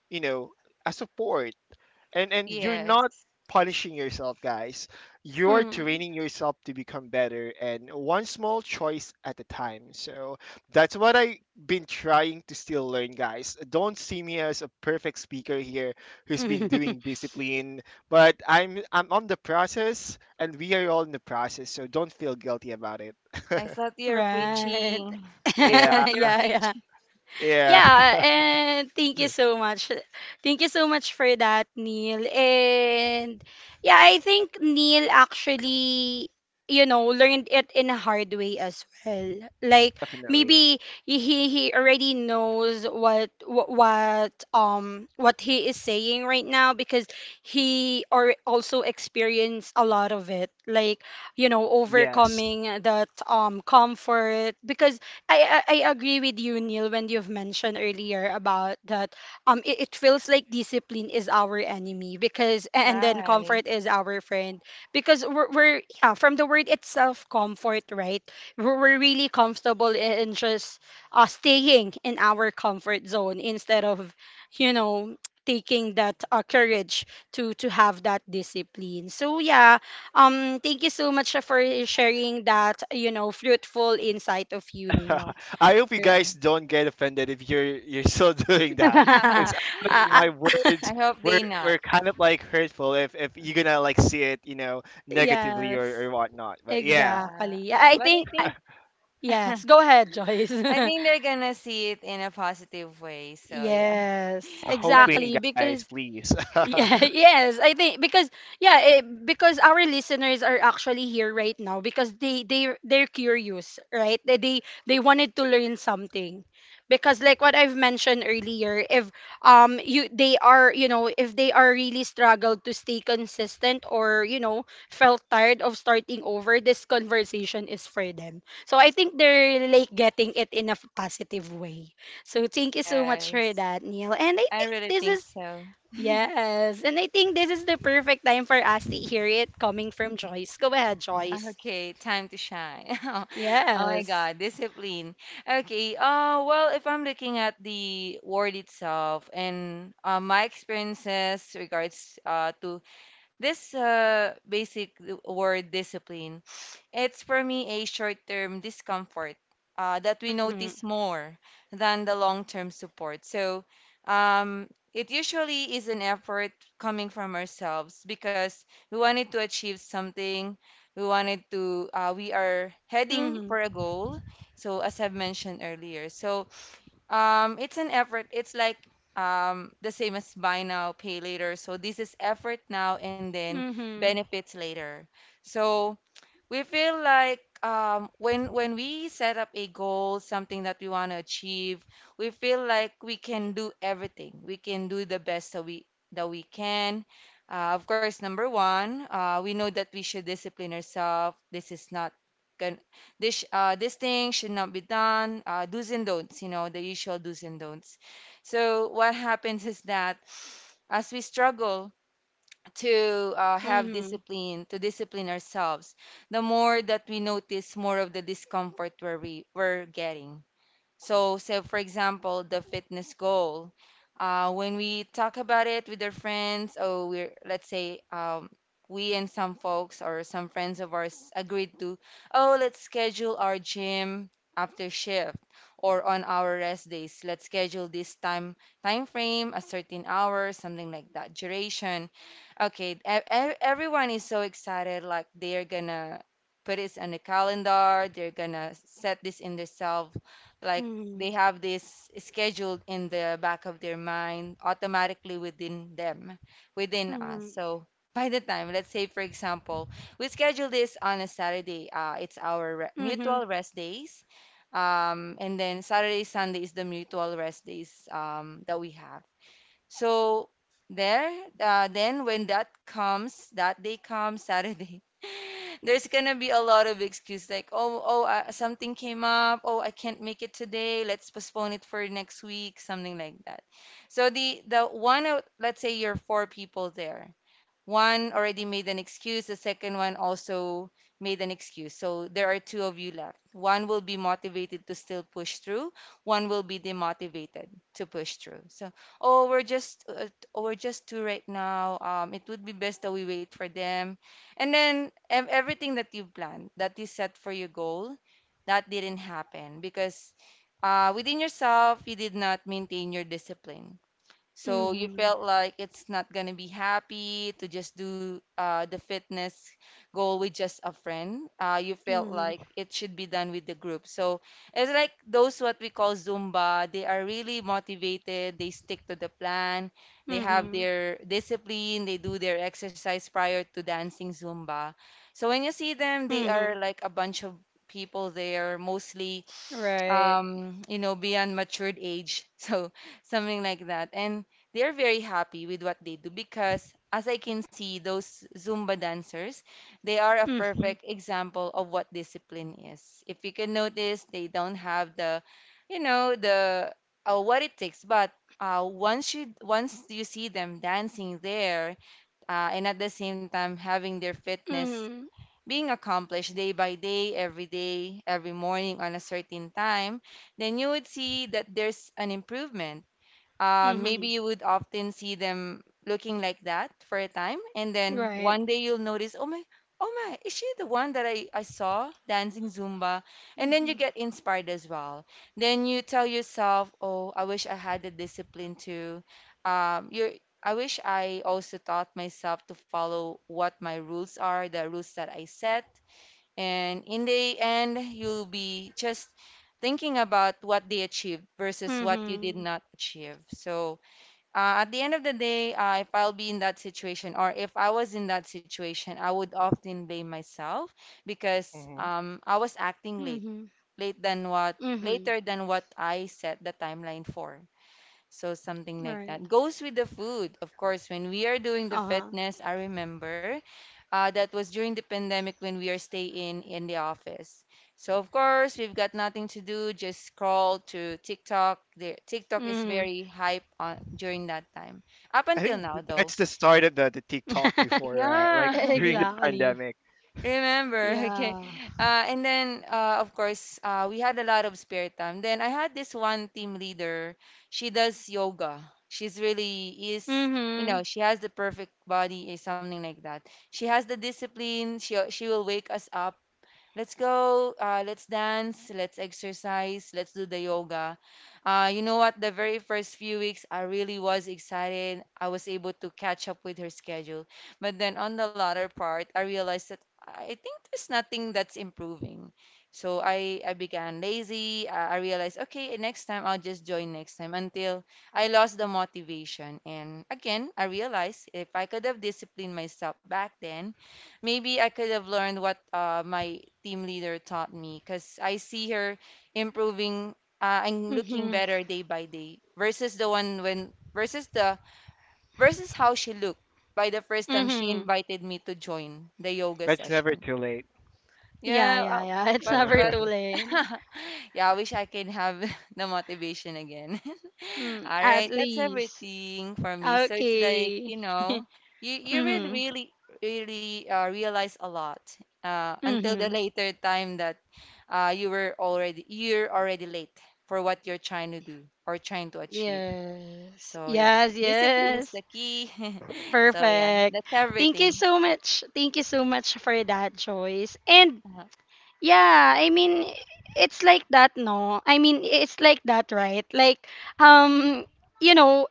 S2: you know, a support. And you're not
S3: Yes.
S2: punishing yourself, guys. You're
S1: Mm-hmm.
S2: training yourself to become better, and one small choice at a time. So that's what I've been trying to still learn, guys. Don't see me as a perfect speaker here who's been doing discipline, but I'm on the process, and we are all in the process, so don't feel guilty about it.
S3: I thought you're
S1: Right.
S3: preaching. I
S1: Yeah,
S2: Yeah.
S3: thought you're
S1: yeah.
S3: preaching.
S2: Yeah.
S1: Yeah, and thank you so much. Thank you so much for that, Neil. And yeah, I think Neil actually, learned it in a hard way as well. Like
S2: Definitely.
S1: maybe he already knows what he is saying right now because he or also experienced a lot of it. Like,
S2: Yes.
S1: overcoming that comfort because I agree with you, Neil, when you've mentioned earlier about that. It feels like discipline is our enemy because, and then
S3: Right.
S1: comfort is our friend because we're yeah, from the word itself, comfort, right? We're really comfortable in just staying in our comfort zone instead of, you know, taking that courage to have that discipline. So yeah, thank you so much for sharing that fruitful insight of you, Neil.
S2: I hope you
S1: Yeah.
S2: guys
S3: Mm-hmm.
S2: don't get offended if you're still doing that, because
S1: Uh,
S2: my
S1: uh,
S2: words
S3: I hope
S2: were
S3: they not.
S2: were kind of like hurtful if you're gonna like see it, you know, negatively
S1: yes,
S2: or whatnot. But yeah,
S3: Yeah.
S1: exactly.
S3: But
S1: Yes, go ahead, Joyce.
S3: I think they're gonna see it in a positive way. So yeah.
S1: Yes,
S3: Salute.
S2: hoping,
S1: exactly.
S2: guys,
S1: Because
S2: please.
S1: Yeah, yes, I think because our listeners are actually here right now because they're curious, right? They wanted to learn something. Because like what I've mentioned earlier, if you they are, you know, if they are really struggled to stay consistent or felt tired of starting over, this conversation is for them. So I think they're like getting it in a positive way. So thank you so much for
S3: Yes.
S1: that, Neil. And I
S3: I
S1: think
S3: really
S1: this
S3: think
S1: is
S3: so.
S1: Yes. And I think this is the perfect time for us to hear it coming from Joyce. Go ahead, Joyce.
S3: Okay, time to shine. Oh, my
S1: Yes.
S3: God, discipline. Okay, well, if I'm looking at the word itself and my experiences regards to this basic word discipline, it's for me a short term discomfort that we
S1: Mm-hmm.
S3: notice more than the long term support. So it usually is an effort coming from ourselves because we wanted to achieve something. We wanted to, we are heading for a
S1: Mm-hmm.
S3: goal. So, as I've mentioned earlier, so it's an effort. It's like the same as buy now, pay later. So, this is effort now and then
S1: Mm-hmm.
S3: benefits later. So, we feel like when we set up a goal, something that we want to achieve, we feel like we can do everything. We can do the best that we can. Of course, number one, we know that we should discipline ourselves. This is not gon- this this thing should not be done. Do's and don'ts, you know, the usual do's and don'ts. So what happens is that as we struggle to have
S1: Mm-hmm.
S3: discipline, to discipline ourselves, the more that we notice more of the discomfort where we're getting. So for example, the fitness goal. When we talk about it with our friends, or we're, let's say we and some folks or some friends of ours agreed to, oh, let's schedule our gym after shift or on our rest days. Let's schedule this time frame, a certain hour, something like that, duration. Okay, everyone is so excited, like they're gonna put this on the calendar, they're gonna set this in themselves, like they
S1: Mm-hmm.
S3: have this scheduled in the back of their mind automatically within them, within us.
S1: Mm-hmm.
S3: So by the time, let's say for example, we schedule this on a Saturday, it's our re
S1: Mm-hmm.
S3: mutual rest days. And then Saturday, Sunday is the mutual rest days that we have. So there, then when that comes, that day comes, Saturday, there's gonna be a lot of excuse like, oh, oh, something came up. Oh, I can't make it today. Let's postpone it for next week, something like that. So the let's say you're four people there. One already made an excuse. The second one also made an excuse. So there are two of you left. One will be motivated to still push through. One will be demotivated to push through. So oh we're just uh, oh, we're just two right now, it would be best that we wait for them, and then everything that you planned, that you set for your goal, that didn't happen because within yourself you did not maintain your discipline, so you
S1: Mm-hmm.
S3: felt like it's not gonna be happy to just do the fitness goal with just a friend. You felt
S1: Mm-hmm.
S3: like it should be done with the group. So it's like those what we call Zumba. They are really motivated. They stick to the plan. They have
S1: Mm-hmm.
S3: their discipline. They do their exercise prior to dancing Zumba. So when you see them, they
S1: Mm-hmm.
S3: are like a bunch of people there, mostly
S1: Right.
S3: you know, beyond matured age. So something like that. And they're very happy with what they do because, as I can see, those Zumba dancers, they are a
S1: Mm-hmm.
S3: perfect example of what discipline is. If you can notice, they don't have the, you know, the what it takes, but once you see them dancing there, and at the same time having their fitness
S1: Mm-hmm.
S3: being accomplished day by day, every morning on a certain time, then you would see that there's an improvement. Uh, maybe
S1: Mm-hmm.
S3: you would often see them looking like that for a time, and then
S1: Right.
S3: one day you'll notice, oh my, oh my, is she the one that I saw dancing Zumba? And then you
S1: Mm-hmm.
S3: get inspired as well. Then you tell yourself, oh, I wish I had the discipline to, um, you're, I wish I also taught myself to follow what my rules are, the rules that I set. And in the end, you'll be just thinking about what they achieved versus what you
S1: Mm-hmm.
S3: did not achieve. So, at the end of the day, if I'll be in that situation or if I was in that situation, I would often blame myself because
S2: Hmm.
S3: I was acting late,
S1: Mm-hmm.
S3: late than what,
S1: Mm-hmm.
S3: later than what I set the timeline for. So, something like
S1: Right.
S3: that. Goes with the food. Of course, when we are doing the
S1: Uh-huh.
S3: fitness, I remember that was during the pandemic when we are staying in the office. So of course, we've got nothing to do, just scroll to TikTok. The TikTok is
S1: Mm-hmm.
S3: very hype on during that time. Up
S2: I
S3: until
S2: think
S3: now though.
S2: that's the start of the TikTok before,
S3: Yeah,
S2: like during the
S1: Exactly.
S2: pandemic.
S3: remember. Okay.
S1: Yeah.
S3: And then of course, we had a lot of spare time. Then I had this one team leader. She does yoga. She's really is. You
S1: Mm-hmm.
S3: know, she has the perfect body, is something like that. She has the discipline. She will wake us up. Let's go, let's dance, let's exercise, let's do the yoga. You know what? The very first few weeks, I really was excited. I was able to catch up with her schedule. But then on the latter part, I realized that I think there's nothing that's improving. So I began lazy. I realized, okay, next time I'll just join next time until I lost the motivation. And again, I realized if I could have disciplined myself back then, maybe I could have learned what my team leader taught me because I see her improving, and looking
S1: Mm-hmm.
S3: better day by day versus the versus how she looked by the first time she
S1: Mm-hmm.
S3: invited me to join the yoga
S2: That's never
S3: session.
S2: too late.
S1: Yeah,
S3: Yeah,
S1: yeah,
S3: uh,
S1: yeah. It's
S3: but
S2: Uh,
S1: never
S3: but
S1: too late.
S3: yeah, I wish I can have the motivation again.
S1: Mm,
S3: All
S1: at
S3: right, that's
S1: least.
S3: everything for me. So it's like,
S1: Okay.
S3: you know, you really
S1: Mm-hmm.
S3: really really realize a lot until the
S1: Mm-hmm.
S3: later time that you're already late for what you're trying to do or trying to achieve.
S1: Yes.
S3: So yeah,
S1: Yes,
S3: discipline is
S1: yes.
S3: the key. So yeah,
S1: Perfect.
S3: that's
S1: Thank you
S3: everything.
S1: so much. Thank you so much for that, Joyce. And
S3: Uh-huh.
S1: yeah, I mean it's like that, no? I mean it's like that, right? Like um you know,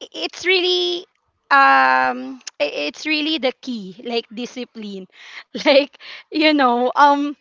S1: it's really it's really the key like discipline like you know um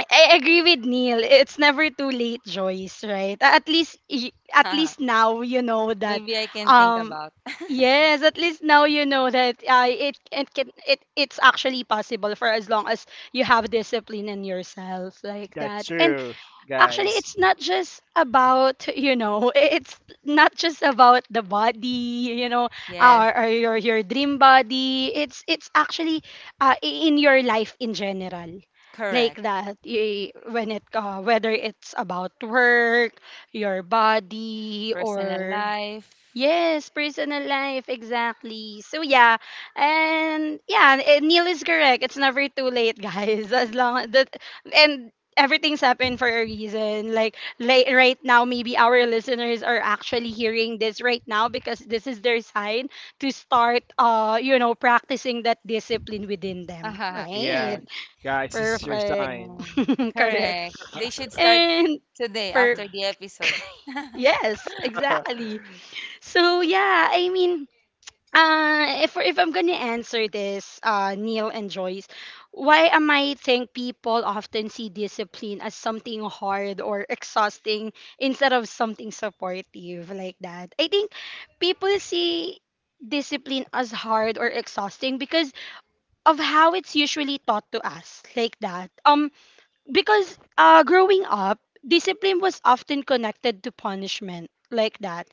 S1: I I agree with Neil. It's never too late, Joyce, right? At least y- at least now you know that
S3: Maybe I can think
S1: um
S3: about.
S1: yes, at least now you know that it it can it it's actually possible for as long as you have discipline in yourself like
S2: that's
S1: that. And
S2: true,
S1: actually,
S2: guys.
S1: it's not just about, it's not just about the body,
S3: Yes.
S1: or your dream body. It's actually uh, in your life in general. Like
S3: Correct.
S1: that, when it whether it's about work, your body,
S3: Personal
S1: or
S3: life.
S1: yes, personal life, exactly. So yeah, and yeah, Neil is correct. It's never too late, guys. As long that and everything's happened for a reason. Like right now, maybe our listeners are actually hearing this right now because this is their sign to start, practicing that discipline within them.
S3: Yes.
S1: Right.
S2: Yeah, guys, this is your
S1: Perfect.
S2: sign.
S3: Mm.
S1: Correct.
S3: Correct. They should start
S1: And
S3: today
S1: for
S3: after the episode.
S1: yes, exactly. So yeah, I mean. If I'm gonna answer this, Neil and Joyce, why am I think people often see discipline as something hard or exhausting instead of something supportive like that? I think people see discipline as hard or exhausting because of how it's usually taught to us like that. Because growing up, discipline was often connected to punishment like that.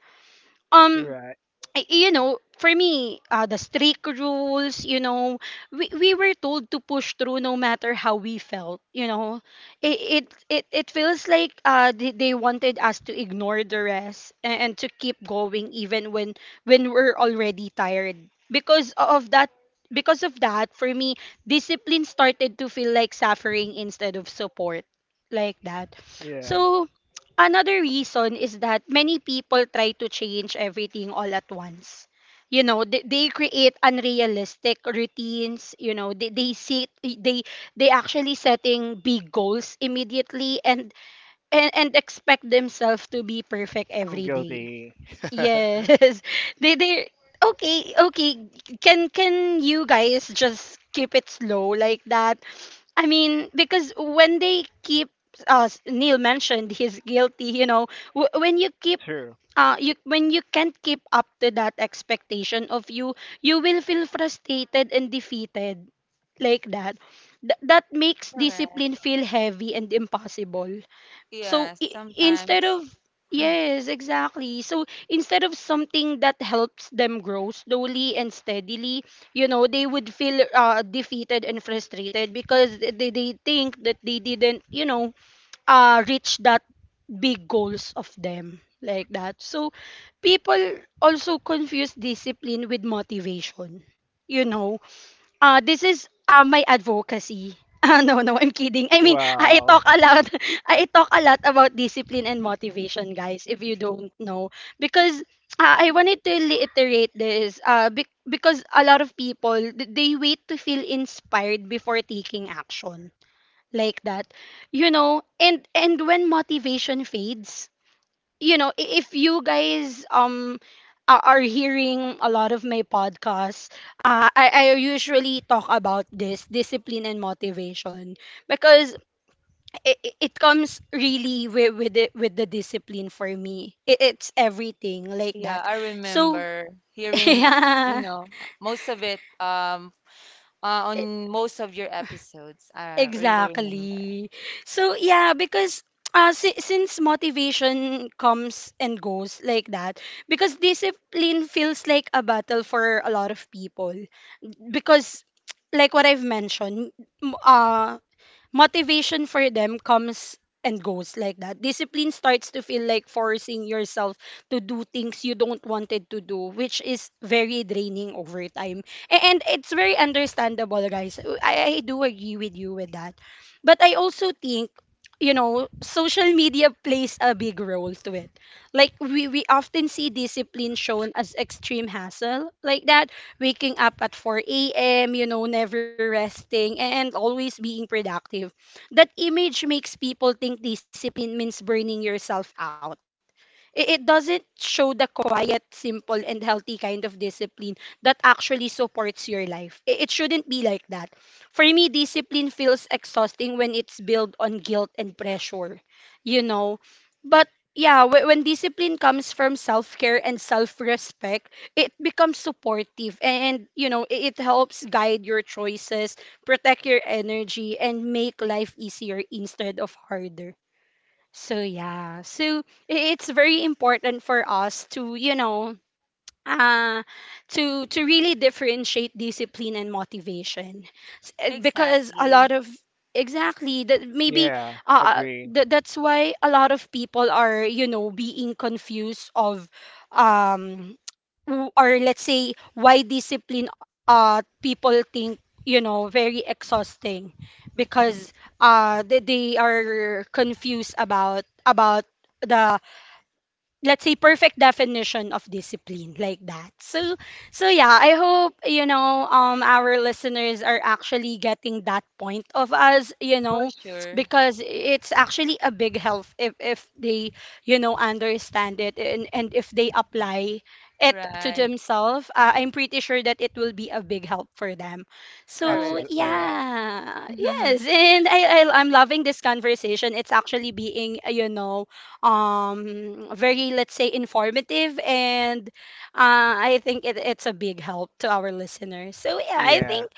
S1: Um
S2: Right.
S1: for me, the strict rules, we were told to push through no matter how we felt. It it it, it feels like they wanted us to ignore the rest and to keep going even when we're already tired. Because of that, for me, discipline started to feel like suffering instead of support like that.
S2: Yeah,
S1: So another reason is that many people try to change everything all at once. You know, they create unrealistic routines, you know, they see they actually setting big goals immediately and expect themselves to be perfect
S2: I'm
S1: every day.
S2: guilty.
S1: Yes. They okay, okay. Can you guys just keep it slow like that? I mean, because when they keep, as Neil mentioned, he's guilty. You know, when you keep,
S2: True.
S1: you when you can't keep up to that expectation of you, you will feel frustrated and defeated, like that. That makes
S3: Correct.
S1: discipline feel heavy and impossible. So
S3: Yes,
S1: instead
S3: sometimes.
S1: of yes, exactly. So instead of something that helps them grow slowly and steadily, they would feel defeated and frustrated because they think that they didn't reach that big goals of them like that. So people also confuse discipline with motivation. You know, this is my advocacy. No, no, I'm kidding. I mean, I talk
S2: Wow.
S1: a lot. I talk a lot about discipline and motivation, guys, if you don't know. Because I wanted to reiterate this be because a lot of people, they wait to feel inspired before taking action like that. You know, and when motivation fades, you know, if you guys are hearing a lot of my podcasts, I usually talk about this discipline and motivation because it comes really with the discipline for me. It's everything like
S3: Yeah, I
S1: that. So
S3: remember hearing, you
S1: yeah.
S3: know, most of it, on most of your episodes. I really remember.
S1: Exactly. So yeah, because since motivation comes and goes like that, because discipline feels like a battle for a lot of people, because like what I've mentioned, m- uh, motivation for them comes and goes like that. Discipline starts to feel like forcing yourself to do things you don't wanted to do, which is very draining over time. And it's
S3: Right.
S1: very understandable, guys. I do agree with you with that. But I also think social media plays a big role to it. Like we often see discipline shown as extreme hassle, like that, waking up at 4 a.m., never resting and always being productive. That image makes people think discipline means burning yourself out. It doesn't show the quiet, simple, and healthy kind of discipline that actually supports your life. It shouldn't be like that. For me, discipline feels exhausting when it's built on guilt and pressure, you know? But yeah, when discipline comes from self care and self respect, it becomes supportive and, it helps guide your choices, protect your energy, and make life easier instead of harder. So yeah, it's very important for us to, uh, to really differentiate discipline and motivation, because a
S3: Exactly.
S1: lot of exactly that maybe
S2: Yeah, agree.
S1: that's why a lot of people are, you know, being confused of um or let's say why discipline, uh, people think, you know, very exhausting because they are confused about the, let's say, perfect definition of discipline like that. So so yeah, I hope, you know, our listeners are actually getting that point of us,
S3: For sure.
S1: because it's actually a big help if they, you know, understand it, and if they apply it to
S3: Right.
S1: themselves. I'm pretty sure that it will be a big help for them. So
S3: Correct,
S2: Absolutely.
S3: correct.
S1: yeah,
S3: Mm-hmm.
S1: yes. And I I'm loving this conversation. It's actually being, you know, very, let's say, informative. And I think it's a big help to our listeners. So, yeah, I
S2: Yeah.
S1: think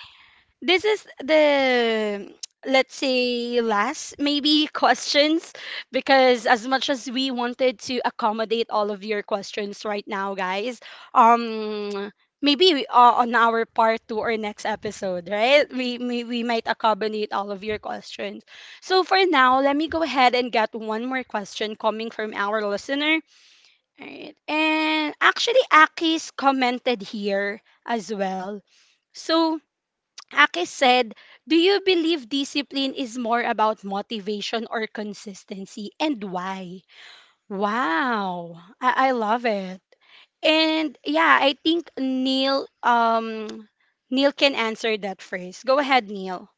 S1: this is the, let's say, last maybe questions, because as much as we wanted to accommodate all of your questions right now, guys, um, maybe we, on our part two or next episode, right? We we might accommodate all of your questions. So for now, let me go ahead and get one more question coming from our listener. All right, and actually, Aki's commented here as well. So Ake said, do you believe discipline is more about motivation or consistency? And why? Wow. I love it. And yeah, I think Neil, Neil can answer that first. Go ahead, Neil.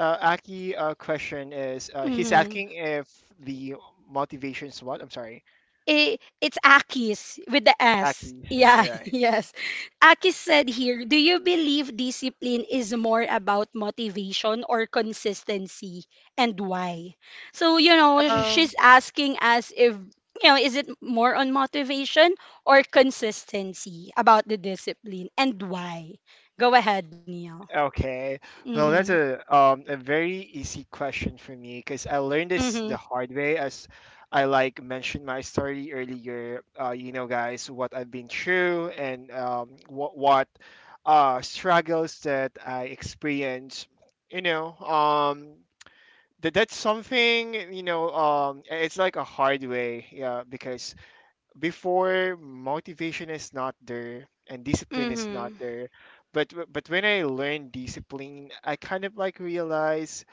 S2: Aki, question is, he's
S1: Mm-hmm.
S2: asking if the motivations, what? I'm sorry.
S1: I, it's Akis with the S.
S2: Aki's
S1: Yeah,
S2: right.
S1: yes. Akis said here, do you believe discipline is more about motivation or consistency and why? So, you know, she's
S2: Um.
S1: asking us if, you know, is it more on motivation or consistency about the discipline, and why? Go ahead, Neil.
S2: Okay. Well,
S1: Mhm.
S2: that's a a very easy question for me, because I learned this
S1: Mhm.
S2: the hard way, as I like mentioned my story earlier. You know, guys, what I've been through, and um, what struggles that I experienced. You know, um, that that's something, you know, um, it's like a hard way, yeah, because before, motivation is not there and discipline is
S1: Mhm.
S2: not there. But when I learn discipline, I kind of like realize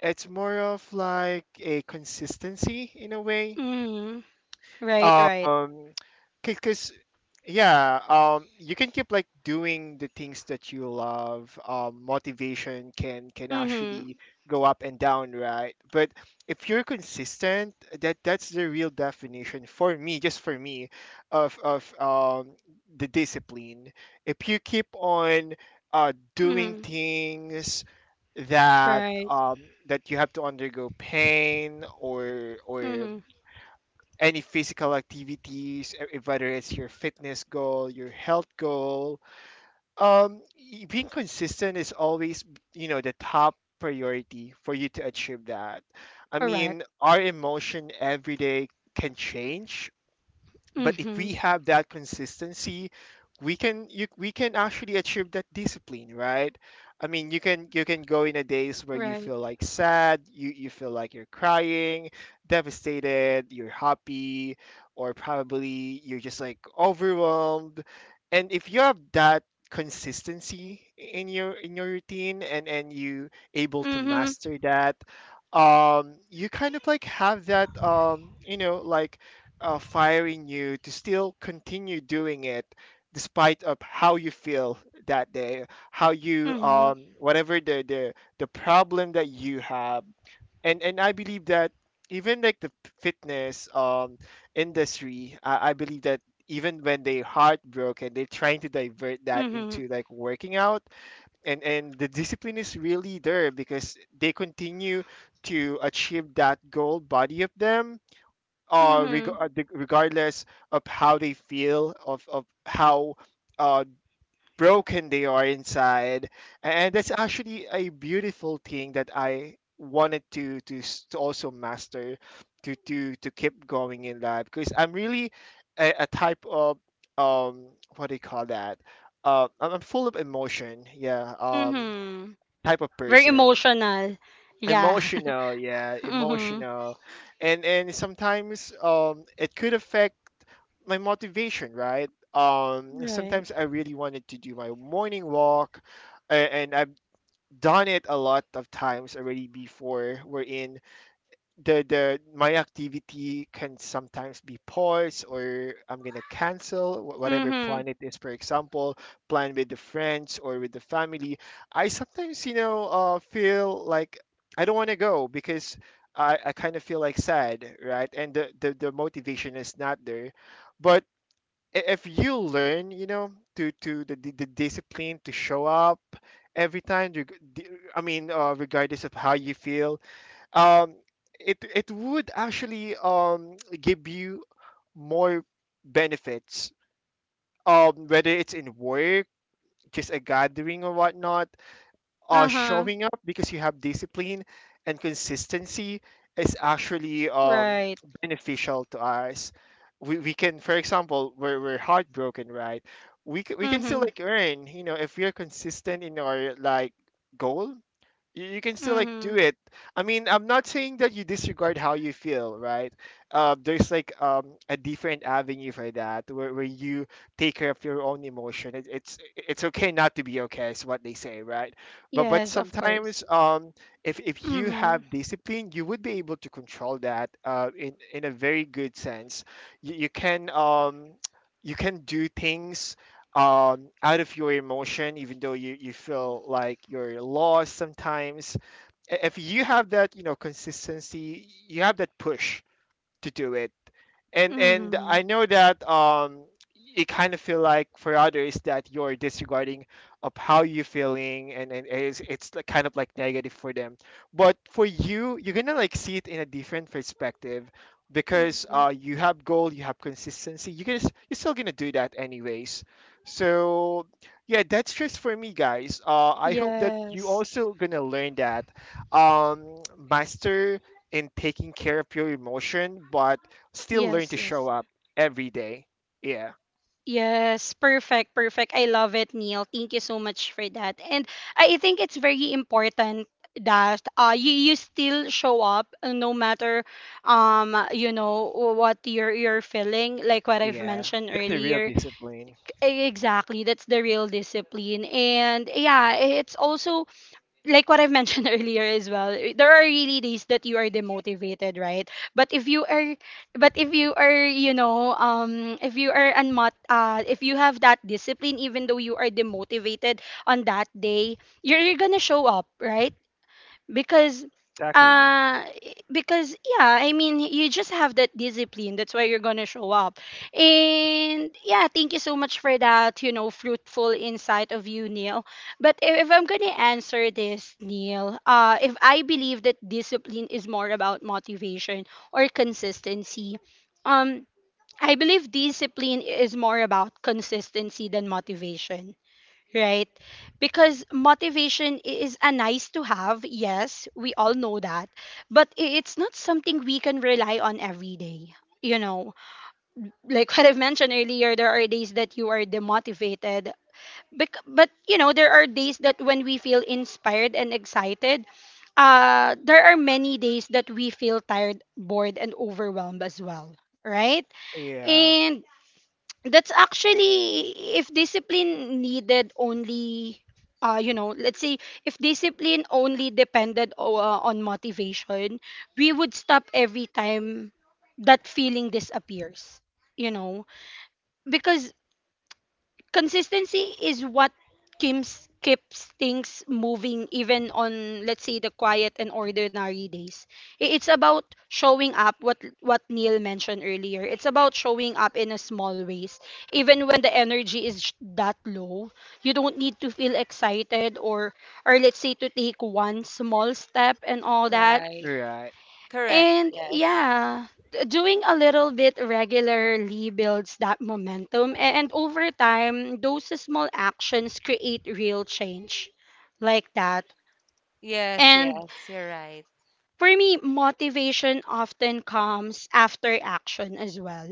S2: it's more of like a consistency in a way.
S1: Mhm. Right, right.
S2: Um, because yeah, um, you can keep like doing the things that you love. Um, motivation can
S1: Mhm.
S2: actually go up and down, right? But if you're consistent, that that's the real definition, for me, just for me, of the discipline. If you keep on, uh, doing
S1: Mhm.
S2: things that,
S1: Right.
S2: um, that you have to undergo pain, or
S1: Mm-hmm.
S2: any physical activities, whether it's your fitness goal, your health goal. Being consistent is always, you know, the top priority for you to achieve that. I mean, our emotion every day can change, but if
S1: Mhm.
S2: we have that consistency, we can actually achieve that discipline, right? I mean, you can go in a days where you
S1: Right.
S2: feel like sad, you feel like you're
S3: Mm-hmm.
S2: crying, devastated, you're happy, or probably you're just like overwhelmed. And
S3: Correct.
S2: if you have that consistency in your routine, and you able to
S1: Mhm.
S2: master that, um, you kind of like have that, um, you know, like, firing you to still continue doing it despite of
S3: Right.
S2: how you feel that day, how
S3: Correct.
S2: you,
S1: Mhm.
S2: um, whatever the problem that you have. And I believe that even like the fitness, um, industry, I believe that
S3: Uh-huh.
S2: even when they're heartbroken, they're trying to divert that
S1: Mhm.
S2: into like working out.
S3: Correct.
S2: And
S3: Yes.
S2: the discipline is really there, because they continue to achieve that goal body of them,
S1: Mhm.
S3: Exactly.
S2: regardless of how they feel, of how, uh, broken they are inside. And that's actually a beautiful thing that I wanted to to also master, to, to
S3: Mm-hmm.
S2: to keep going in life, because I'm really a type of, um, what do you call that? I'm full of emotion, yeah.
S3: Oh,
S1: Mhm.
S2: Type of
S1: Very
S2: person.
S1: emotional.
S3: emotional.
S1: Yeah.
S3: Oh.
S2: Emotional, yeah,
S1: Mhm.
S2: emotional. And sometimes, um, it could affect my motivation, right? Um,
S1: Right.
S2: sometimes I really wanted to do my morning walk, and
S3: Mm-hmm.
S2: I've done it a lot of times already before. Wherein the
S3: Congratulations.
S2: my activity can sometimes be paused, or I'm gonna cancel whatever
S1: Mhm.
S2: plan it is. For example, plan with the friends or with the family. I sometimes, you know, feel like I don't want to go because I kind of feel like sad, right? And the motivation is not there. But, if you learn, you know, the discipline to show up every time you g- d- I mean regardless of how you feel, um, it would actually, um, give you more benefits, um, whether it's in work, just a gathering or whatnot. Uh,
S1: Uh-huh.
S2: showing up because you have discipline and consistency is actually, um,
S1: Right.
S2: beneficial to us.
S3: Right.
S2: We
S3: It
S2: can,
S3: should
S2: for
S3: be.
S2: example, we're heartbroken, right? We can still
S1: Mhm.
S2: like earn, you know, if we're consistent in our like goal.
S3: It should be
S2: You can still like
S3: consistent
S2: do
S3: though.
S1: Mhm.
S2: it. I mean, I'm not saying that you disregard how you feel, right? Uh, there's like, a different avenue for that, where you take care of your own emotion. It's okay not to be okay is what they say, right? But
S1: Yes, of course.
S2: sometimes, if you
S1: Mhm.
S2: have discipline, you would be able to control that, in a very good sense. You can, you can do things, out of your emotion, even though you feel like you're lost sometimes. If you have that, you know, consistency, you have that push to do it. And
S1: Mhm.
S2: I know that, um, you kind of feel like, for others, that you're disregarding of how you're feeling, and it's like kind of like negative for them, but for you, you're gonna like see it in a different perspective, because,
S1: Mhm.
S2: you have goal, you have consistency, you guys. You're still gonna do that anyways. So yeah, that's just for me, guys. Uh, I hope that you
S1: Yes.
S2: also gonna learn that, um, master in taking care of your emotion, but still learn
S1: Yes,
S2: to show
S1: yes.
S2: up every day. Yeah.
S1: Yes, perfect, perfect. I love it, Neil. Thank you so much for that. And I think it's very important that you, you still show up, no matter, um you know what you're feeling, like what I've
S2: Yeah.
S1: mentioned
S2: That's a real
S1: earlier.
S2: discipline.
S1: E- Exactly, that's the real discipline. And yeah, it's also like what I've mentioned earlier as well. There are really days that you are demotivated, right? But if you are, but if you are, you know, if you are if you have that discipline, even though you are demotivated on that day, you're gonna show up, right? because
S3: Right.
S2: Exactly.
S1: uh because yeah,
S3: Correct.
S1: I mean, you just have that discipline. That's why you're gonna show up. And yeah, thank you so much for that, you know, fruitful insight of you, Neil.
S3: Mm-hmm.
S1: But if I'm gonna answer this,
S3: I love
S1: Neil,
S3: that
S1: uh, if
S3: too.
S1: I believe that discipline is more about motivation or consistency, um I believe discipline is more about consistency than motivation, right? Because motivation is a nice to have. Yes, we all know that, but it's not something we can rely on every day. You know, like what I've mentioned earlier, there are days that you are demotivated, but you know, there are days that when we feel inspired and excited, there are many days that we feel tired, bored, and overwhelmed as well, right?
S2: Yeah.
S1: And that's actually, if discipline needed only, let's say, if discipline only depended on motivation, we would stop every time that feeling disappears, you know, because consistency is what keeps things moving, even on, let's say, the quiet and ordinary days. I- It's about showing up, what Neil mentioned earlier. It's about showing up in a small ways. Even when the energy is that low, you don't need to feel excited or, let's say, to take one small step and all that.
S3: Right.
S2: Right.
S3: Correct.
S1: And
S3: Yes.
S1: yeah, doing a little bit regularly builds that momentum. And over time, those small actions create real change like that.
S3: Yes,
S1: And
S3: yes. You're right.
S1: for me, motivation often comes after action as well.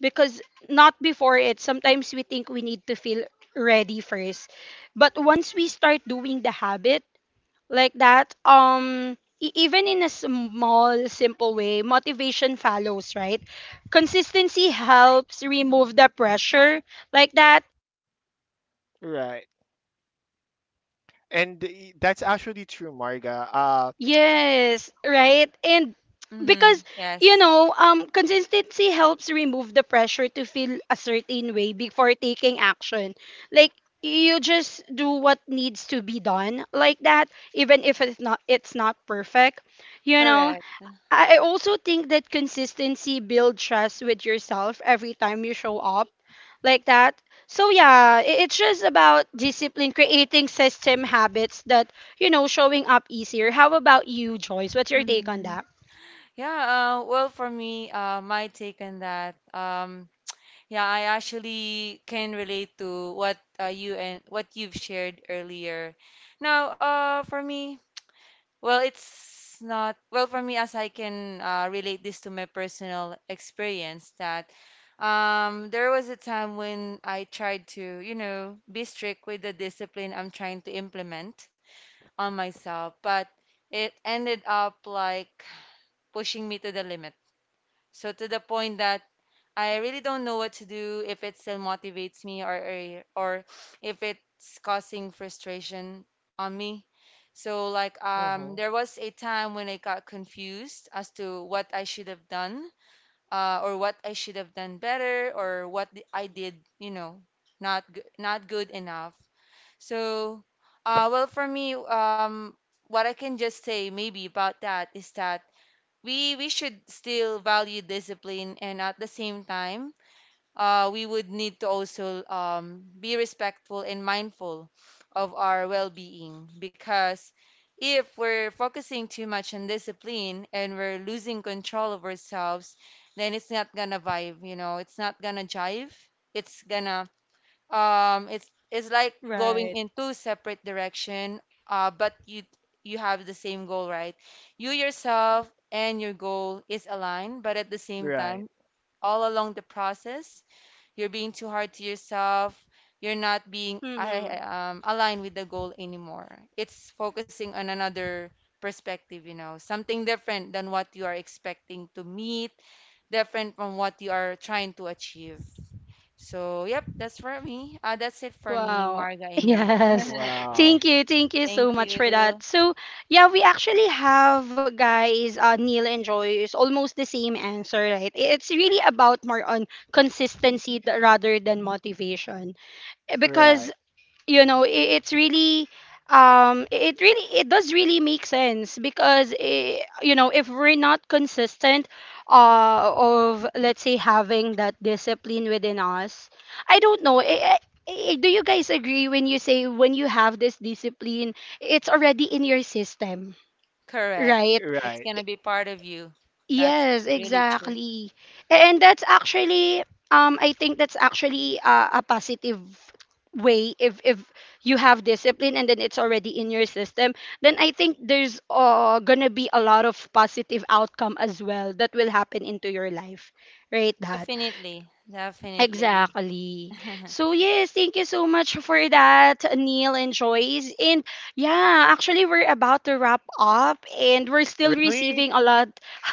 S1: Because not before it, sometimes we think we need to feel ready first. But once we start doing the habit, like that, even in a small simple way, motivation follows, right? Consistency helps remove the pressure, like that.
S2: Right. And y- that's actually true, Marga.
S1: Yes, right. And
S3: Mm-hmm.
S1: because, you
S3: Yes.
S1: know, consistency helps remove the pressure to feel a certain way before taking action. Like, you just do what needs to be done, like that, even if it's not, it's not perfect, you know.
S3: Correct.
S1: I also think that consistency builds trust with yourself every time you show up, like that. So yeah, it's just about discipline, creating system habits that, you know, showing up easier. How about you, Joyce? What's your take on
S3: Mm-hmm.
S1: that?
S3: Yeah, well, for me, my take on that, yeah, I actually can relate to what you and what you've shared earlier. Now, for me, well, it's not, well, for me, as I can relate this to my personal experience, that there was a time when I tried to, you know, be strict with the discipline I'm trying to implement on myself, but it ended up like pushing me to the limit, so to the point that I really don't know what to do if it still motivates me, or if it's causing frustration on me. So like,
S2: Hmm.
S3: there was a time when I got confused as to what I should have done, or what I should have done better or what I did, you know, not good enough. So well for me what I can just say maybe about that is that we should still value discipline, and at the same time we would need to also be respectful and mindful of our well-being, because if we're focusing too much on discipline and we're losing control of ourselves, then it's not gonna vibe, you know, it's not gonna jive. It's gonna it's like going
S1: Right.
S3: in two separate direction, but you have the same goal, right? You yourself and your goal is aligned, but at the same
S2: Right.
S3: time, all along the process, you're being too hard to yourself, you're not being
S1: Mm-hmm.
S3: aligned with the goal anymore. It's focusing on another perspective, you know, something different than what you are expecting to meet, different from what you are trying to achieve. So, yep, that's for me. That's it for me,
S1: Wow.
S3: Marga and Nia.
S1: Yes. Thank
S2: Wow.
S1: you. Thank you so
S3: Thank
S1: much for
S3: you.
S1: that. So, yeah, we actually have, guys, Neil and Joy is almost the same answer, right? It's really about more on consistency rather than motivation. Eh, because
S2: Right.
S1: you know, it's really, it really, it does really make sense, because, eh, you know, if we're not consistent, uh, of, let's say, having that discipline within us, I don't know. Do you guys agree when you say, when you have this discipline, it's already in your system,
S3: Correct.
S1: right?
S3: It's
S2: Right.
S3: gonna be part of you. That's
S1: Yes,
S3: really true.
S1: exactly. And that's actually, I think that's actually, a positive way. If you have discipline and then it's already in your system, then I think there's, gonna be a lot of positive outcome as well that will happen into your life, right? That
S3: Definitely. Definitely.
S1: exactly. So yes, thank you so much for that, Neil and Joyce. And yeah, actually we're about to wrap up and we're still
S2: Really?
S1: receiving a lot.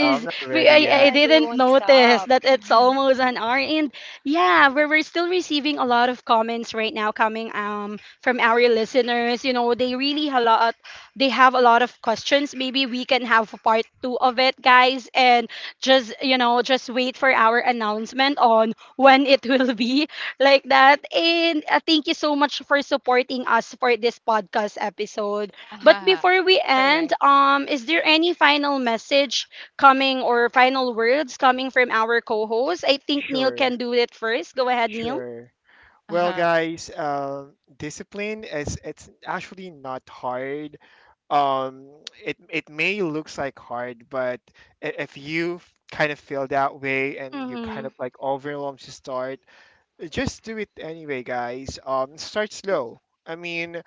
S2: I'm not ready
S1: I
S2: yet.
S3: Yeah, they
S1: didn't
S3: won't
S1: notice
S3: stop.
S1: that it's almost an hour. And yeah, we're still receiving a lot of comments right now coming, from our listeners. You know, they really a lot, they have a lot of questions. Maybe we can have part two of it, guys, and just, you know, just wait for our announcement on when it will be like that. And thank you so much for supporting us for this podcast episode. But before we
S3: Correct.
S1: end, is there any final message coming, or final words coming from our co-host? I think Neil
S2: Sure.
S1: can do it first. Go ahead, Neil.
S2: Sure. Well,
S3: Uh-huh.
S2: guys, discipline is, it's actually not hard. Um, it it may looks like hard, but, if you kind of feel that way and you kind
S1: Mm-hmm.
S2: of like overwhelmed to start, just do it anyway, guys. Start slow. I mean,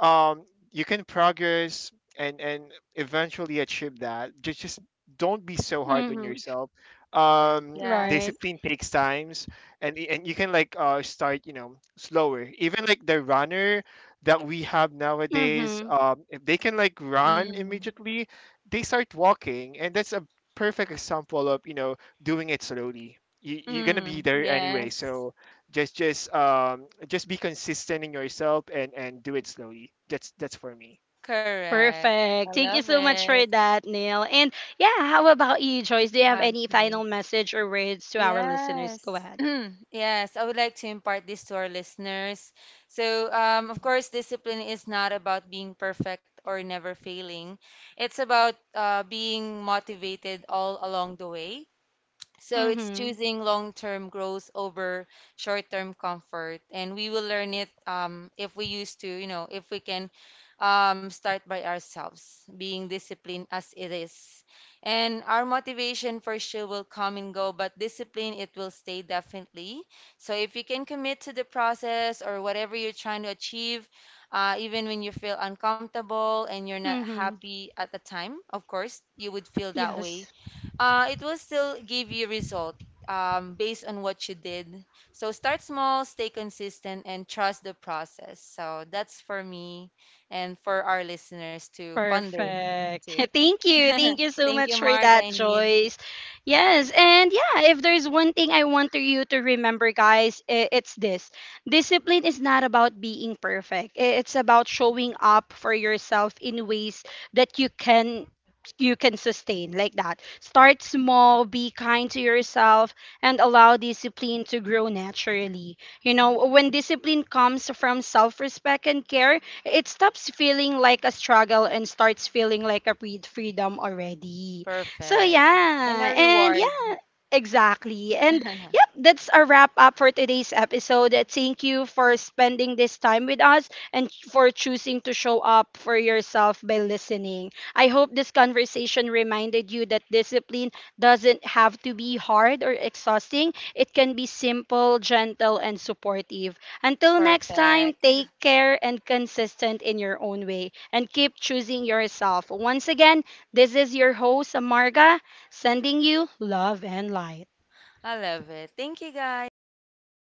S2: um, you can progress, and eventually achieve that. Just don't be so hard on
S1: Mm-hmm.
S2: yourself.
S3: Correct.
S2: Um,
S1: Right.
S3: Yes.
S2: discipline takes times, and and you can like, uh, start, you know, slower. Even like the runner that we have nowadays,
S1: Mm-hmm.
S2: if they can like run
S3: Mm.
S2: immediately, they start walking, and that's a perfect example of, you know, doing it slowly. You, you're gonna be
S3: Mm.
S2: there anyway,
S3: Yes.
S2: so just, um, just be consistent in yourself and do it slowly. That's for me.
S3: Correct. I
S1: Perfect. Thank you
S3: love
S1: so much
S3: it.
S1: for that, Neil. And yeah, how about you, Joyce? Do you have any final
S3: Okay.
S1: message or words to our listeners? Go
S3: Yes.
S1: ahead.
S3: Yes, I would like to impart this to our listeners. So, of course, discipline is not about being perfect or never failing. It's about being motivated all along the way. So it's
S1: Mm-hmm.
S3: choosing long-term growth over short-term comfort, and we will learn it, if we used to, you know, if we can start by ourselves, being disciplined as it is. And our motivation for sure will come and go, but discipline, it will stay definitely. So if you can commit to the process or whatever you're trying to achieve, even when you feel uncomfortable and you're not
S1: Mm-hmm.
S3: happy at the time, of course, you would feel that way,
S1: Yes,
S3: it will still give you result, based on what you did. So start small, stay consistent, and trust the process. So that's for me and for our listeners to ponder
S1: perfect.
S3: too.
S1: Thank you. Thank you so
S3: Thank you,
S1: much for
S3: Mark.
S1: that,
S3: I need
S1: Joyce. Yes, and yeah, if there's one thing I want to you to remember, guys, it's this. Discipline is not about being perfect. I- It's about showing up for yourself in ways that you can sustain, like that. Start small, be kind to yourself, and allow discipline to grow naturally. You know, when discipline comes from self-respect and care, it stops feeling like a struggle and starts feeling like a freedom already. So
S3: perfect and a
S1: yeah, and
S3: reward.
S1: yeah. Exactly. And yep, that's a wrap up for today's episode. Thank you for spending this time with us and for choosing to show up for yourself by listening. I hope this conversation reminded you that discipline doesn't have to be hard or exhausting. It can be simple, gentle, and supportive. Until next time,
S3: Perfect.
S1: take care and consistent in your own way and keep choosing yourself. Once again, this is your host, Amarga, sending you love and light.
S3: I love it. Thank you, guys. Bye.